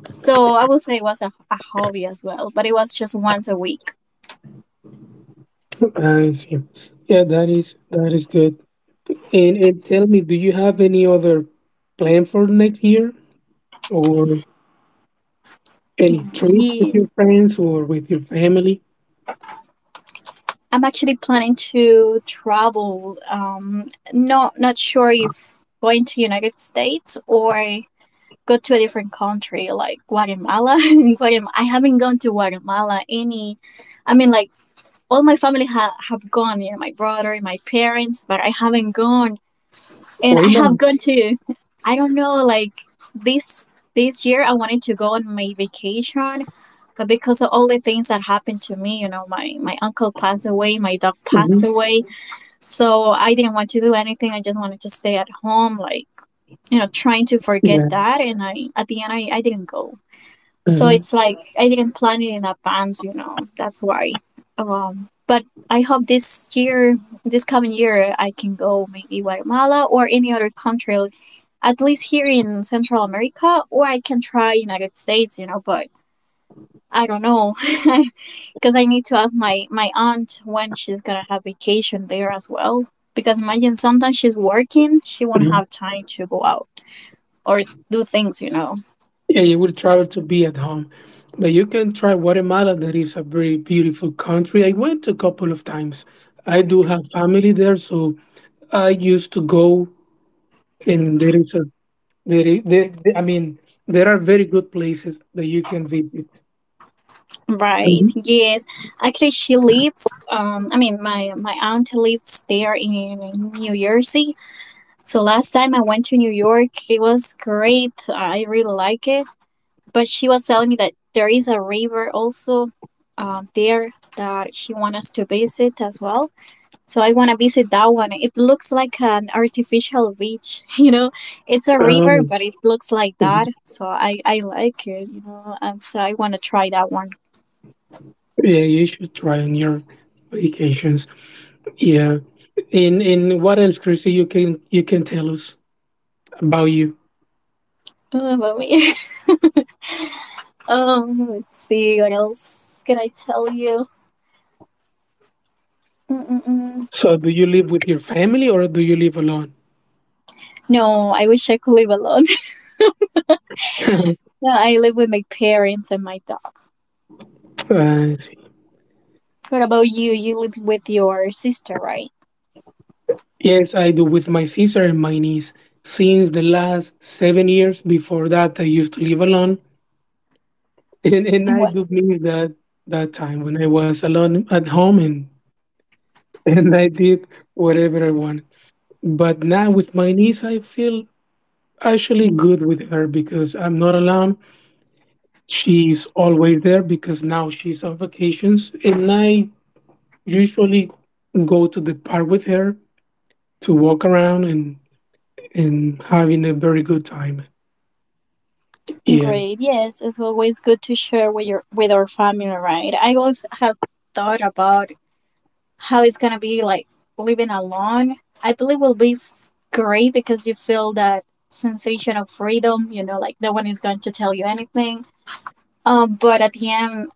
[SPEAKER 1] So I would say it was a, a hobby as well, but it was just once a week.
[SPEAKER 2] I see. Yeah, that is that is good. And and tell me, do you have any other plan for next year, or any trip with
[SPEAKER 1] Yeah.
[SPEAKER 2] your friends or with your family?
[SPEAKER 1] I'm actually planning to travel. Um, not not sure if going to United States or go to a different country like Guatemala. (laughs) Guatemala. I haven't gone to Guatemala any. I mean, like all my family ha- have gone. You know, my brother, my parents, but I haven't gone and
[SPEAKER 2] Why
[SPEAKER 1] I
[SPEAKER 2] not?
[SPEAKER 1] have gone to I don't know like this this year I wanted to go on my vacation but because of all the things that happened to me, you know, my my uncle passed away, my dog passed
[SPEAKER 2] Hmm.
[SPEAKER 1] away, so I didn't want to do anything. I just wanted to stay at home like you know, trying to
[SPEAKER 2] Yeah.
[SPEAKER 1] forget that and I at the end I, I didn't go. So
[SPEAKER 2] Hmm.
[SPEAKER 1] it's like I didn't plan it in advance, you know. That's why. Um, but I hope this year, this coming year, I can go maybe Guatemala or any other country, like, at least here in Central America, or I can try United States, you know. But I don't know, (laughs) because I need to ask my my aunt when she's gonna have vacation there as well. Because imagine sometimes she's working, she won't have time to go out or do things, you know.
[SPEAKER 2] Yeah, you will travel to be at home. But you can try Guatemala. That is a very beautiful country. I went a couple of times. I do have family there, so I used to go. And there is a very, there, there- I mean, there are very good places that you can visit.
[SPEAKER 1] Right.
[SPEAKER 2] Mhm.
[SPEAKER 1] Yes. Actually, she lives. Um, I mean, my my aunt lives there in New Jersey. So last time I went to New York, it was great. I really like it. But she was telling me that there is a river also, uh, there that she wants us to visit as well. So I want to visit that one. It looks like an artificial beach. (laughs) You know, it's a river,
[SPEAKER 2] Um,
[SPEAKER 1] but it looks like
[SPEAKER 2] mhm.
[SPEAKER 1] that. So I I like it. You know, um, so I want to try that one.
[SPEAKER 2] Yeah, you should try on your vacations. Yeah. And and what else, Chrissy? You can you can tell us about you.
[SPEAKER 1] Oh, mommy. (laughs) Um, let's see what else can I tell you. Mm-mm-mm.
[SPEAKER 2] So, do you live with your family or do you live alone?
[SPEAKER 1] No, I wish I could live alone. (laughs) No, I live with my parents and my dog.
[SPEAKER 2] Uh,
[SPEAKER 1] What about you? You live with your sister, right?
[SPEAKER 2] Yes, I do, with my sister and my niece. Since the last seven years before that, I used to live alone, (laughs) and, and
[SPEAKER 1] And
[SPEAKER 2] I
[SPEAKER 1] what?
[SPEAKER 2] do miss that that time when I was alone at home, and (laughs) and I did whatever I wanted. But now with my niece, I feel actually good with her because I'm not alone. She's always there, because now she's on vacations, and I usually go to the park with her to walk around and and having a very good time. Yeah.
[SPEAKER 1] Great. Yes, it's always good to share with your with our family, right? I also have thought about how it's gonna be like living alone. I believe will be f- great because you feel that sensation of freedom. You know, like no one is going to tell you anything. Um, but at the end,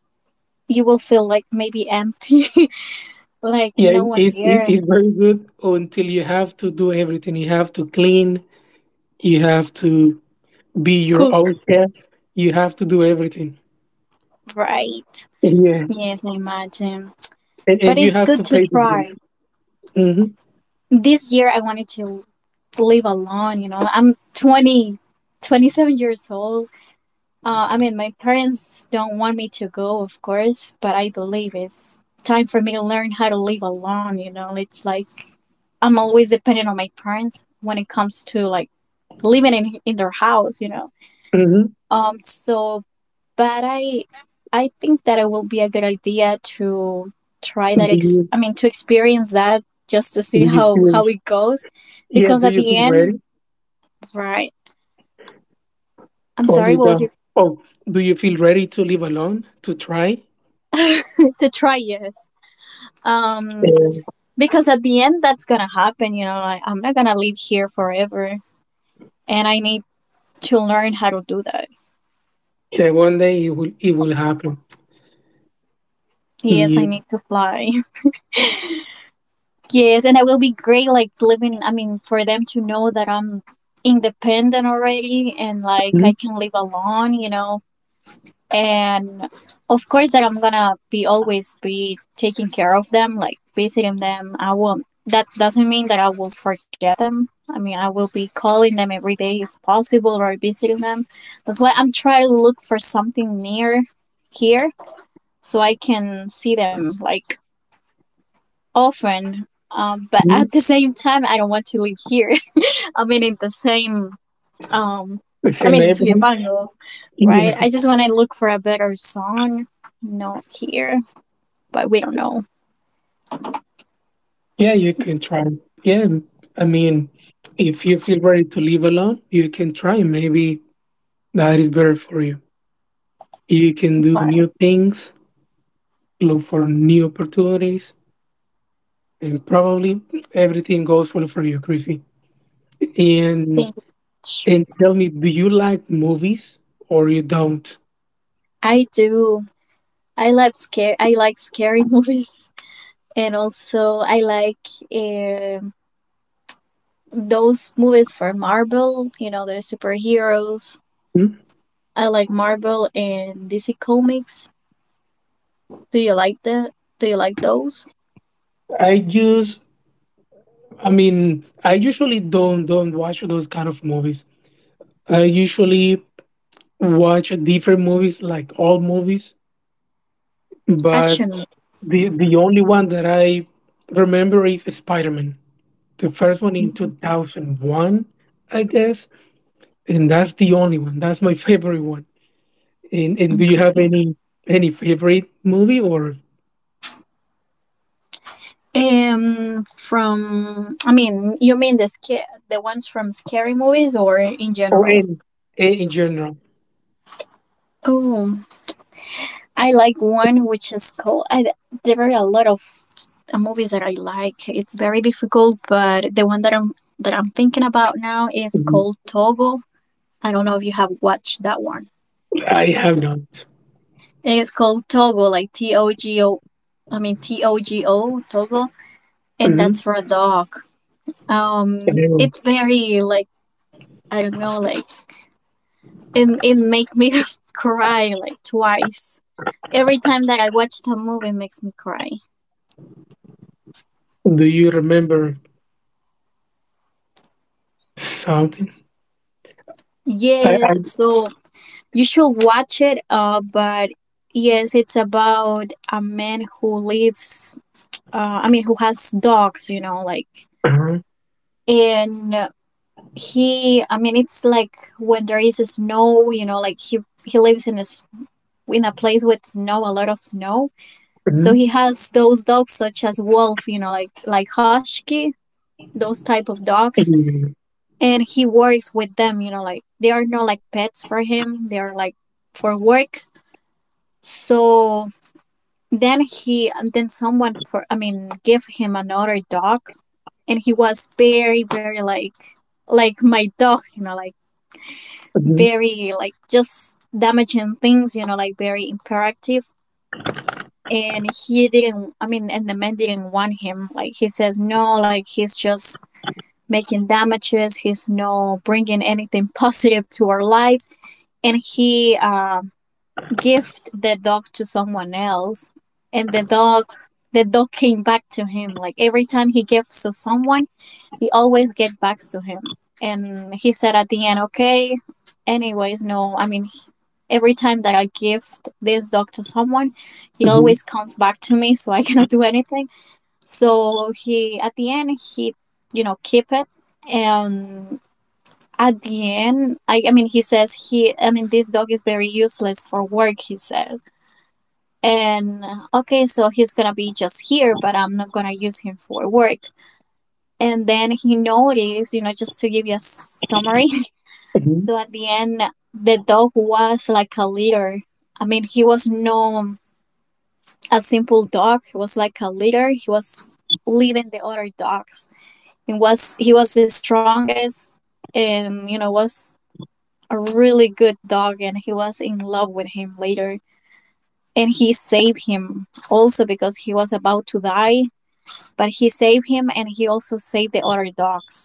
[SPEAKER 1] you will feel like maybe empty, (laughs) like
[SPEAKER 2] Yeah,
[SPEAKER 1] no one
[SPEAKER 2] it's, it-
[SPEAKER 1] there
[SPEAKER 2] it's very good, until you have to do everything. You have to clean, you have to be
[SPEAKER 1] Cool,
[SPEAKER 2] your own chef, you have to do everything.
[SPEAKER 1] right?
[SPEAKER 2] Yeah,
[SPEAKER 1] Yes, I imagine.
[SPEAKER 2] and,
[SPEAKER 1] But
[SPEAKER 2] and you
[SPEAKER 1] it's
[SPEAKER 2] have
[SPEAKER 1] good
[SPEAKER 2] to
[SPEAKER 1] to
[SPEAKER 2] pay the bills.
[SPEAKER 1] try.
[SPEAKER 2] Mm-hmm.
[SPEAKER 1] This year I wanted to live alone, you know. I'm twenty seven years old. Uh, I mean, my parents don't want me to go, of course, but I believe it's time for me to learn how to live alone, you know. It's like I'm always dependent on my parents when it comes to like living in, in their house, you know.
[SPEAKER 2] Mm-hmm.
[SPEAKER 1] Um, so but I I think that it will be a good idea to try
[SPEAKER 2] Do
[SPEAKER 1] that ex-
[SPEAKER 2] you
[SPEAKER 1] I mean to experience that just to see
[SPEAKER 2] do you
[SPEAKER 1] how
[SPEAKER 2] feel,
[SPEAKER 1] how it goes
[SPEAKER 2] yeah?
[SPEAKER 1] because
[SPEAKER 2] Do
[SPEAKER 1] at
[SPEAKER 2] you
[SPEAKER 1] the
[SPEAKER 2] feel
[SPEAKER 1] end
[SPEAKER 2] ready
[SPEAKER 1] right I'm
[SPEAKER 2] or
[SPEAKER 1] sorry
[SPEAKER 2] you
[SPEAKER 1] what was
[SPEAKER 2] don't?
[SPEAKER 1] your
[SPEAKER 2] Oh, do you feel ready to live alone, to try?
[SPEAKER 1] (laughs) to try yes um
[SPEAKER 2] Yeah,
[SPEAKER 1] because at the end that's gonna happen you know like, I'm not gonna live here forever and I need to learn how to do that
[SPEAKER 2] yeah, one day it will it will happen.
[SPEAKER 1] yes I
[SPEAKER 2] Yeah,
[SPEAKER 1] need to fly Yes, and it will be great, like living. I mean, for them to know that I'm independent already and like
[SPEAKER 2] mm-hmm.
[SPEAKER 1] I can live alone, you know. And of course, that I'm gonna be always be taking care of them, like visiting them. I won't. That doesn't mean that I will forget them. I mean, I will be calling them every day if possible or visiting them. That's why I'm trying to look for something near here so I can see them like often. Um, but at the same time, I don't want to live here. (laughs) I mean, in the same, um, I
[SPEAKER 2] Same
[SPEAKER 1] mean, in
[SPEAKER 2] neighborhood.
[SPEAKER 1] Soyapango,
[SPEAKER 2] Yeah.
[SPEAKER 1] right? I just want to look for a better song, not here, but we don't know.
[SPEAKER 2] Yeah, you
[SPEAKER 1] It's
[SPEAKER 2] can try. Yeah, I mean, if you feel ready to live alone, you can try. Maybe that is better for you. You can
[SPEAKER 1] the
[SPEAKER 2] do
[SPEAKER 1] hard
[SPEAKER 2] new things, look for new opportunities, and probably everything goes well for you, Chrissy.
[SPEAKER 1] thing.
[SPEAKER 2] And and tell me, do you like movies or you don't?
[SPEAKER 1] I do. I like scare. I like scary (laughs) movies, and also I like um those movies for Marvel. You know, they're superheroes.
[SPEAKER 2] Hmm?
[SPEAKER 1] I like Marvel and D C Comics. Do you like that? Do you like those?
[SPEAKER 2] I use. I mean, I usually don't don't watch those kind of movies. I usually watch different movies, like all movies, but
[SPEAKER 1] Action movies.
[SPEAKER 2] The the only one that I remember is Spider-Man. The first one, in
[SPEAKER 1] Mhm.
[SPEAKER 2] two thousand one, I guess, and that's the only one. That's my favorite one. And and do you have
[SPEAKER 1] Great.
[SPEAKER 2] any any favorite movie, or
[SPEAKER 1] Um, from I mean, you mean the sca- the ones from scary movies or in
[SPEAKER 2] or
[SPEAKER 1] general?
[SPEAKER 2] in in, in general?
[SPEAKER 1] Oh, I like one which is called. I, there are a lot of s- movies that I like. It's very difficult, but the one that I'm that I'm thinking about now is
[SPEAKER 2] Mhm.
[SPEAKER 1] called Togo. I don't know if you have watched that one.
[SPEAKER 2] I have not.
[SPEAKER 1] It's called Togo, like T O G O. I mean T O G O Togo, and
[SPEAKER 2] hmm
[SPEAKER 1] that's for a dog. Um
[SPEAKER 2] Do
[SPEAKER 1] it's very like I don't know like it, it make me (laughs) cry like twice every time that I watch the movie it makes me cry
[SPEAKER 2] you remember something? I,
[SPEAKER 1] yes
[SPEAKER 2] I
[SPEAKER 1] so you should watch it uh but yes it's about a man who lives uh i mean who has dogs you know like
[SPEAKER 2] Uh-huh.
[SPEAKER 1] and uh, he I mean it's like when there is a snow you know like he he lives in a s- in a place with snow a lot of snow So
[SPEAKER 2] Mhm,
[SPEAKER 1] he has those dogs such as wolf, you know, like like husky, those type of dogs,
[SPEAKER 2] mhm,
[SPEAKER 1] and he works with them, you know, like they are not like pets for him, they are like for work. So then he and then someone per, I mean, give him another dog, and he was very, very like like my dog, you know, like
[SPEAKER 2] mhm,
[SPEAKER 1] very, like, just damaging things, you know, like very imperative, and he didn't I mean, and the man didn't want him, like, he says, no, like, he's just making damages, he's no bringing anything (laughs) positive to our lives. And he um gift the dog to someone else, and the dog the dog came back to him. Like, every time he gives to someone, he always get back to him, and he said at the end, okay, anyways, no, I mean, he- every time that I gift this dog to someone, it
[SPEAKER 2] mhm,
[SPEAKER 1] always comes back to me, so I (laughs) cannot do anything. So he, at the end, he you know keep it. And at the end, i, I mean, he says, he I mean this dog is very useless for work, he said. And uh, okay, so he's gonna be just here, but I'm not gonna use him for work. And then he noticed, you know, just to give you a summary. (laughs)
[SPEAKER 2] mhm,
[SPEAKER 1] So at the end, the dog was like a leader. I mean, he was no a simple dog. He was like a leader. He was leading the other dogs. He was he was the strongest, and you know was a really good dog. And he was in love with him later. And he saved him also because he was about to die. But he saved him, and he also saved the other dogs.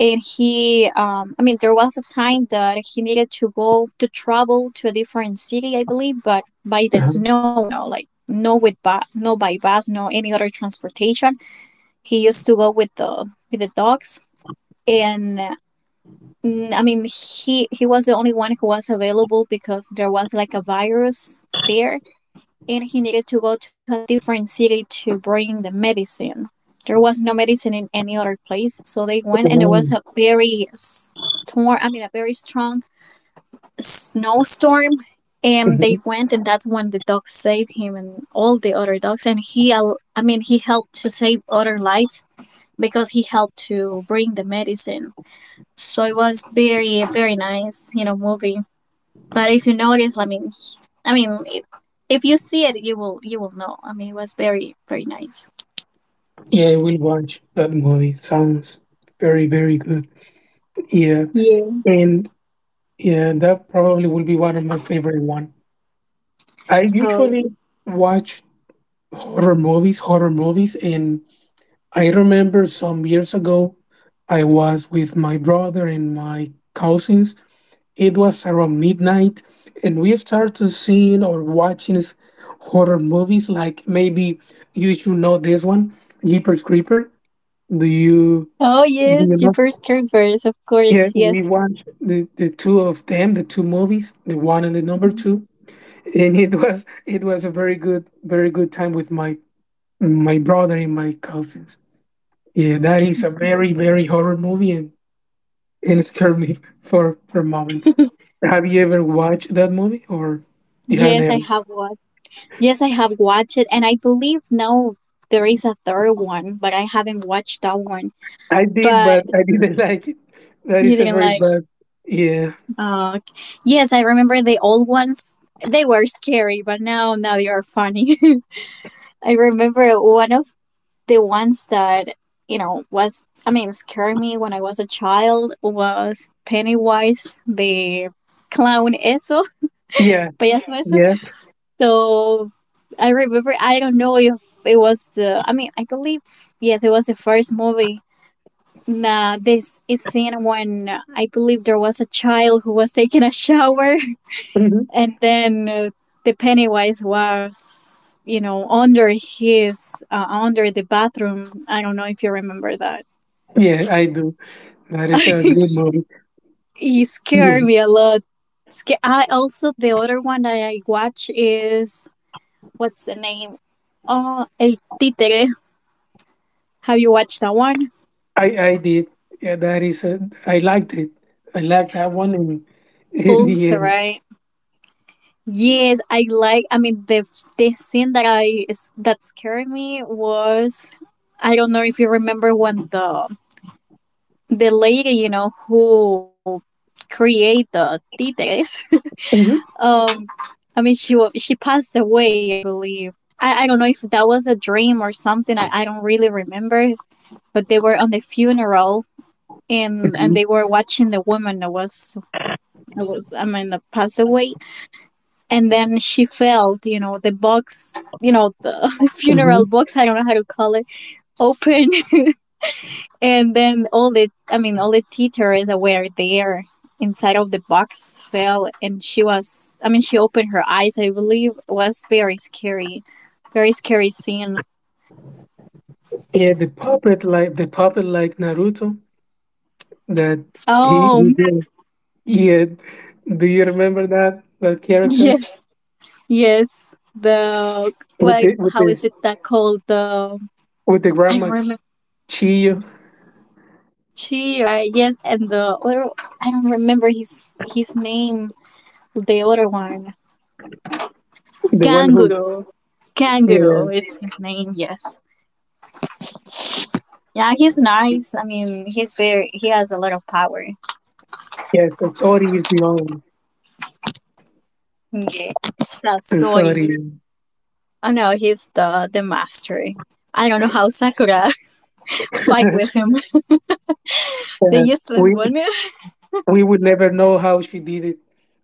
[SPEAKER 1] And he um I mean, there was a time that he needed to go, to travel to a different city, I believe, but by the
[SPEAKER 2] uh-huh,
[SPEAKER 1] snow, you know like, no, with ba- no, by bus, no, any other transportation, he used to go with the with the dogs. And uh, mm, I mean, he he was the only one who was available, because there was like a virus there, and he needed to go to a different city to bring the medicine. There was no medicine in any other place, so they went, and it was,
[SPEAKER 2] mhm,
[SPEAKER 1] a very storm. I mean, a very strong snowstorm, and they
[SPEAKER 2] mhm.
[SPEAKER 1] went, and that's when the dog saved him and all the other dogs. And he, al- I mean, he helped to save other lives, because he helped to bring the medicine. So it was very, very nice, you know, movie. But if you notice, I mean, I mean, if, if you see it, you will you will know. I mean, it was very, very nice.
[SPEAKER 2] Yeah, I will watch that movie. Sounds very, very good. Yeah,
[SPEAKER 1] Yeah.
[SPEAKER 2] and yeah, that probably will be one of my favorite one. I
[SPEAKER 1] Oh,
[SPEAKER 2] usually watch horror movies, horror movies, and I remember some years ago, I was with my brother and my cousins. It was around midnight, and we started seeing or watching s- horror movies. Like, maybe you should know this one, Jeepers Creeper. Do you?
[SPEAKER 1] oh
[SPEAKER 2] do
[SPEAKER 1] yes,
[SPEAKER 2] you know?
[SPEAKER 1] Jeepers Creepers, of
[SPEAKER 2] Yeah,
[SPEAKER 1] course.
[SPEAKER 2] we
[SPEAKER 1] Yes.
[SPEAKER 2] watched the, the two of them, the two movies, the one and the number
[SPEAKER 1] Mhm.
[SPEAKER 2] two, and it was it was a very good very good time with my my brother and my cousins. Yeah, that is a very, very horror movie, and and it scared me for for moments. Have you ever watched that movie, or you have
[SPEAKER 1] Yes, I
[SPEAKER 2] never?
[SPEAKER 1] have watched. Yes, I have watched it, and I believe now there is a third one, but I haven't watched that one.
[SPEAKER 2] I did,
[SPEAKER 1] But
[SPEAKER 2] but I didn't (laughs) like it. That
[SPEAKER 1] you
[SPEAKER 2] is a
[SPEAKER 1] didn't
[SPEAKER 2] very
[SPEAKER 1] like.
[SPEAKER 2] bad. Yeah,
[SPEAKER 1] Oh, okay. Yes, I remember the old ones. They were scary, but now now they are funny. (laughs) I remember, one of the ones that you know was I mean, scared me when I was a child, was Pennywise the clown, eso,
[SPEAKER 2] yeah,
[SPEAKER 1] (laughs) payaso, eso.
[SPEAKER 2] yeah,
[SPEAKER 1] So I remember, I don't know if it was the I mean, I believe, yes, it was the first movie. Nah, this is seen when, uh, I believe there was a child who was taking a shower,
[SPEAKER 2] hmm,
[SPEAKER 1] (laughs) and then, uh, the Pennywise was, you know under his uh, under the bathroom. I don't know if you remember that.
[SPEAKER 2] yeah. I do. That is
[SPEAKER 1] (laughs)
[SPEAKER 2] a good movie.
[SPEAKER 1] He scared me a lot. Sca- I also, the other one that I watch, is what's the name? Oh, El Títere. Have you watched that one?
[SPEAKER 2] I I did. Yeah, that is. A, I liked it. I liked that one in in
[SPEAKER 1] Also,
[SPEAKER 2] the. Uh,
[SPEAKER 1] right? Yes, I like. I mean, the the scene that I is that scared me was, I don't know if you remember, when the the lady, you know who create the títeres. (laughs)
[SPEAKER 2] Mhm,
[SPEAKER 1] Um, I mean, she wa- she passed away, I believe. I, I don't know if that was a dream or something. I, I don't really remember. But they were on the funeral, and and
[SPEAKER 2] mhm,
[SPEAKER 1] they were watching the woman that was that was I mean that passed away. And then she felt, you know, the box, you know, the (laughs)
[SPEAKER 2] mhm.
[SPEAKER 1] funeral box, I don't know how to call it, open. (laughs) And then all the, I mean, all the teachers were there, inside of the box fell, and she was, I mean, she opened her eyes, I believe. It was very scary, very scary scene.
[SPEAKER 2] Yeah, the puppet, like the puppet, like Naruto that he,
[SPEAKER 1] Oh,
[SPEAKER 2] he did. Yeah, do you remember that that
[SPEAKER 1] (laughs)
[SPEAKER 2] character
[SPEAKER 1] yes, yes. The,
[SPEAKER 2] with
[SPEAKER 1] what,
[SPEAKER 2] the with
[SPEAKER 1] how
[SPEAKER 2] the
[SPEAKER 1] is it that called? The,
[SPEAKER 2] with the
[SPEAKER 1] I don't
[SPEAKER 2] grandma
[SPEAKER 1] remember.
[SPEAKER 2] Chiyo,
[SPEAKER 1] She, all right. Yes, and the other, I don't remember his his name. The other one,
[SPEAKER 2] the one who,
[SPEAKER 1] Kangaroo.
[SPEAKER 2] yeah,
[SPEAKER 1] Kangaroo, it's his name. Yes. Yeah, he's nice. I mean, he's very. He has a lot of power.
[SPEAKER 2] yes, sorry, is the only,
[SPEAKER 1] Yeah, Sasori.
[SPEAKER 2] sorry,
[SPEAKER 1] Oh no, he's the the master. I don't know how Sakura (laughs) fight with
[SPEAKER 2] (laughs)
[SPEAKER 1] him. (laughs) The
[SPEAKER 2] yeah,
[SPEAKER 1] useless
[SPEAKER 2] we
[SPEAKER 1] one, (laughs)
[SPEAKER 2] we would never know how she did it.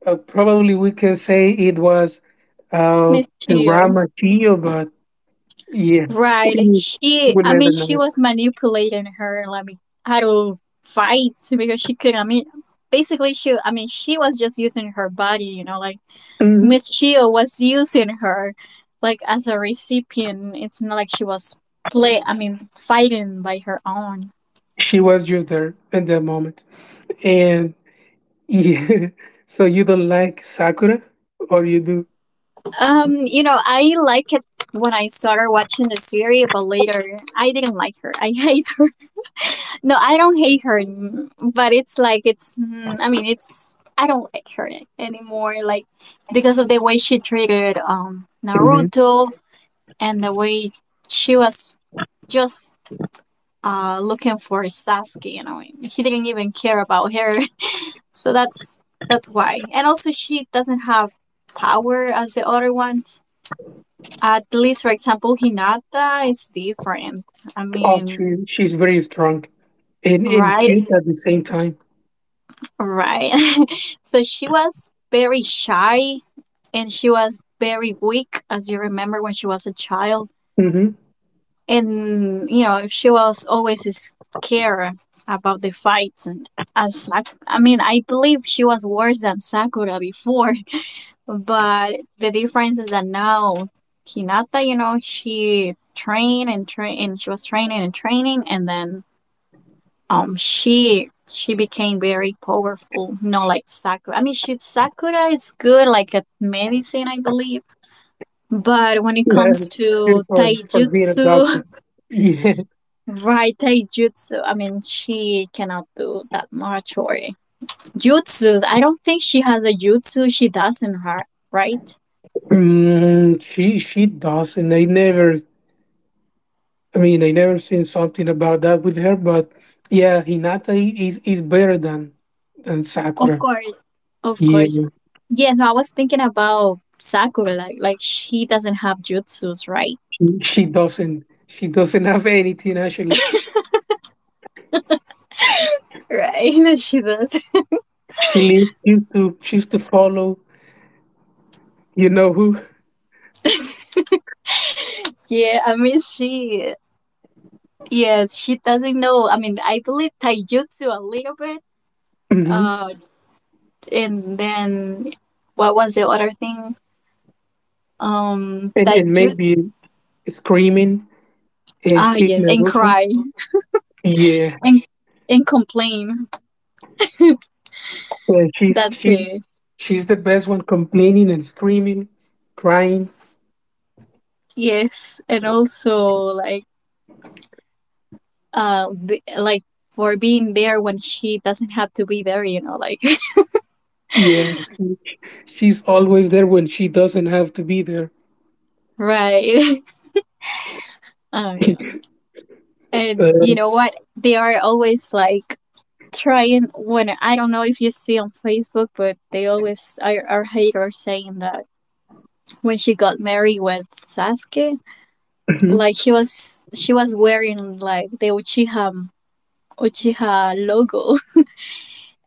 [SPEAKER 2] Uh, probably we can say it was uh, the Ram
[SPEAKER 1] Michio.
[SPEAKER 2] material, but yeah,
[SPEAKER 1] Right.
[SPEAKER 2] we
[SPEAKER 1] She.
[SPEAKER 2] will
[SPEAKER 1] I
[SPEAKER 2] never
[SPEAKER 1] mean, she
[SPEAKER 2] know.
[SPEAKER 1] was manipulating her, like how to fight, because she could. I mean, basically, she. I mean, she was just using her body. You know, like
[SPEAKER 2] hmm
[SPEAKER 1] Miss Chio was using her, like, as a recipient. It's not like she was play I mean, fighting by her own.
[SPEAKER 2] She was just there in that moment. And yeah, (laughs) so you don't like Sakura, or you do?
[SPEAKER 1] Um, you know, I liked it when I started watching the series, but later I didn't like her. I hate her. (laughs) No, I don't hate her, mm, but it's like, it's, mm, I mean, it's I don't like her anymore, like, because of the way she treated um
[SPEAKER 2] hmm
[SPEAKER 1] Naruto, and the way she was just uh, looking for Sasuke. You know, he didn't even care about her. (laughs) So that's that's why. And also, she doesn't have power as the other ones. At least, for example, Hinata is different. I
[SPEAKER 2] Oh,
[SPEAKER 1] mean,
[SPEAKER 2] she, she's very strong and, and
[SPEAKER 1] right,
[SPEAKER 2] cute at the same time.
[SPEAKER 1] right. (laughs) So she was very shy, and she was very weak, as you remember, when she was a child.
[SPEAKER 2] Mm-hmm.
[SPEAKER 1] And you know she was always scared about the fights. And as Sak- I mean, I believe she was worse than Sakura before, (laughs) but the difference is that now Hinata, you know she trained and train, and she was training and training, and then um she she became very powerful, you know like Sakura. I mean, she Sakura is good, like, at medicine, I believe, but when it
[SPEAKER 2] Yeah,
[SPEAKER 1] comes to
[SPEAKER 2] cute for, for being a doctor.
[SPEAKER 1] taijutsu.
[SPEAKER 2] (laughs)
[SPEAKER 1] Right, taijutsu. I mean, she cannot do that much, or jutsu. I don't think she has a jutsu. She does in her, right?
[SPEAKER 2] Yeah. Mm, she she doesn't. I never. I mean, I never seen something about that with her, but yeah, Hinata i- is is better than than
[SPEAKER 1] Of
[SPEAKER 2] Sakura.
[SPEAKER 1] course. Of
[SPEAKER 2] Yeah,
[SPEAKER 1] course. Yes, no, I was thinking about Sakura. Like, like, she doesn't have jutsus, right?
[SPEAKER 2] she, she doesn't she doesn't (laughs) have anything, actually.
[SPEAKER 1] Right, (laughs) she does.
[SPEAKER 2] She li- used to choose to follow, you know who, (laughs)
[SPEAKER 1] Yeah, I mean, she. Yes, she doesn't know. I mean, I believe taijutsu a little bit.
[SPEAKER 2] hmm
[SPEAKER 1] Uh, and then what was the other thing? Um,
[SPEAKER 2] and and
[SPEAKER 1] taijutsu.
[SPEAKER 2] maybe screaming and
[SPEAKER 1] Ah,
[SPEAKER 2] kick
[SPEAKER 1] yeah, and
[SPEAKER 2] Naruto.
[SPEAKER 1] cry.
[SPEAKER 2] Yeah,
[SPEAKER 1] and and complain. (laughs)
[SPEAKER 2] yeah, she's
[SPEAKER 1] That's
[SPEAKER 2] she
[SPEAKER 1] it.
[SPEAKER 2] she's the best one, complaining and screaming, crying.
[SPEAKER 1] Yes, and also like, uh the, like, for being there when she doesn't have to be there, you know, like,
[SPEAKER 2] Yeah, she's always there when she doesn't have to be there.
[SPEAKER 1] (laughs) right. (laughs) I don't
[SPEAKER 2] (laughs)
[SPEAKER 1] know. And
[SPEAKER 2] Uh,
[SPEAKER 1] you know what? They are always like trying, when, I don't know if you see on Facebook, but they always are are hater, saying that when she got married with Sasuke,
[SPEAKER 2] mhm.
[SPEAKER 1] like she was she was wearing like the Uchiha Uchiha logo.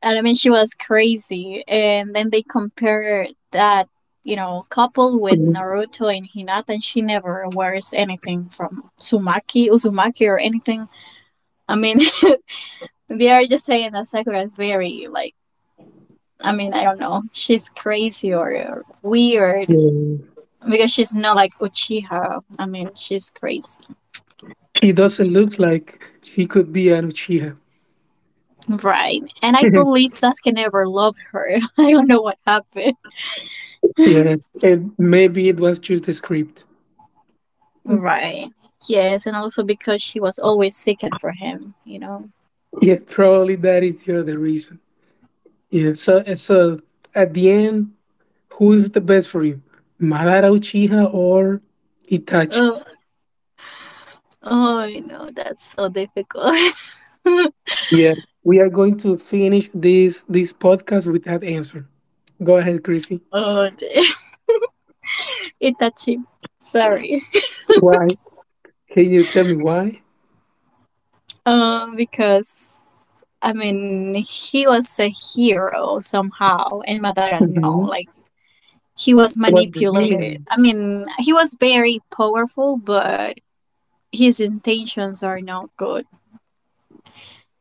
[SPEAKER 1] And I mean, she was crazy. And then they compare that, you know, couple with Naruto and Hinata, and she never wears anything from Sumaki, Uzumaki, or anything. I mean, (laughs) they are just saying that Sakura is very, like, I mean, I don't know. She's crazy or, or weird,
[SPEAKER 2] Mm.
[SPEAKER 1] because she's not like Uchiha. I mean, she's crazy.
[SPEAKER 2] She doesn't look like she could be an Uchiha.
[SPEAKER 1] Right. And I
[SPEAKER 2] (laughs)
[SPEAKER 1] believe Sasuke never loved her. (laughs) I don't know what happened. (laughs)
[SPEAKER 2] Yeah, and maybe it was just the script.
[SPEAKER 1] Right. Yes, and also because she was always seeking for him, you know.
[SPEAKER 2] Yeah, probably that is the other reason. Yeah, so, and so at the end, who is the best for you, Madara Uchiha or Itachi?
[SPEAKER 1] Oh, oh, you know, that's so difficult. (laughs)
[SPEAKER 2] Yeah, we are going to finish this this podcast with that answer. Go ahead, Chrissy.
[SPEAKER 1] Oh, dear. (laughs) Itachi. Sorry.
[SPEAKER 2] Why? Can you tell me why?
[SPEAKER 1] Um, because, I mean, he was a hero somehow, and Madara, no,
[SPEAKER 2] Mm-hmm.
[SPEAKER 1] like, he was
[SPEAKER 2] What the
[SPEAKER 1] manipulated.
[SPEAKER 2] reason?
[SPEAKER 1] I mean, he was very powerful, but his intentions are not good.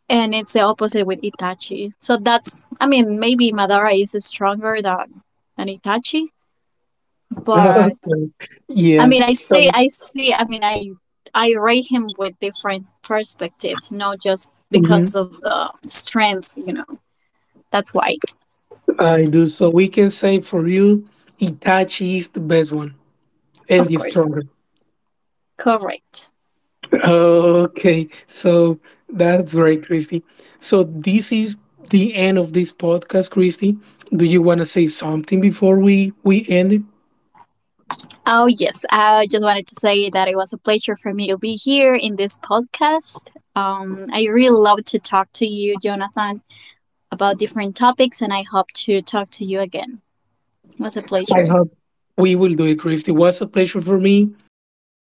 [SPEAKER 1] And it's the opposite with Itachi. So that's, I mean, maybe Madara is stronger than than Itachi, but
[SPEAKER 2] (laughs) Okay.
[SPEAKER 1] I
[SPEAKER 2] Yeah.
[SPEAKER 1] mean, I see,
[SPEAKER 2] So,
[SPEAKER 1] I see, I mean, I I rate him with different perspectives, not just because
[SPEAKER 2] mhm.
[SPEAKER 1] of the strength, you know. That's why,
[SPEAKER 2] I do. So, we can say for you, Itachi is the best one and
[SPEAKER 1] of
[SPEAKER 2] the
[SPEAKER 1] course,
[SPEAKER 2] stronger. (laughs)
[SPEAKER 1] correct.
[SPEAKER 2] Okay. So that's great, Christy. So this is the end of this podcast, Christy. Do you want to say something before we, we end it?
[SPEAKER 1] Oh yes, I just wanted to say that it was a pleasure for me to be here in this podcast. Um, I really love to talk to you, Jonathan, about different topics, and I hope to talk to you again. It was a
[SPEAKER 2] I
[SPEAKER 1] pleasure.
[SPEAKER 2] hope we will do it, Christy. It was a pleasure for me for being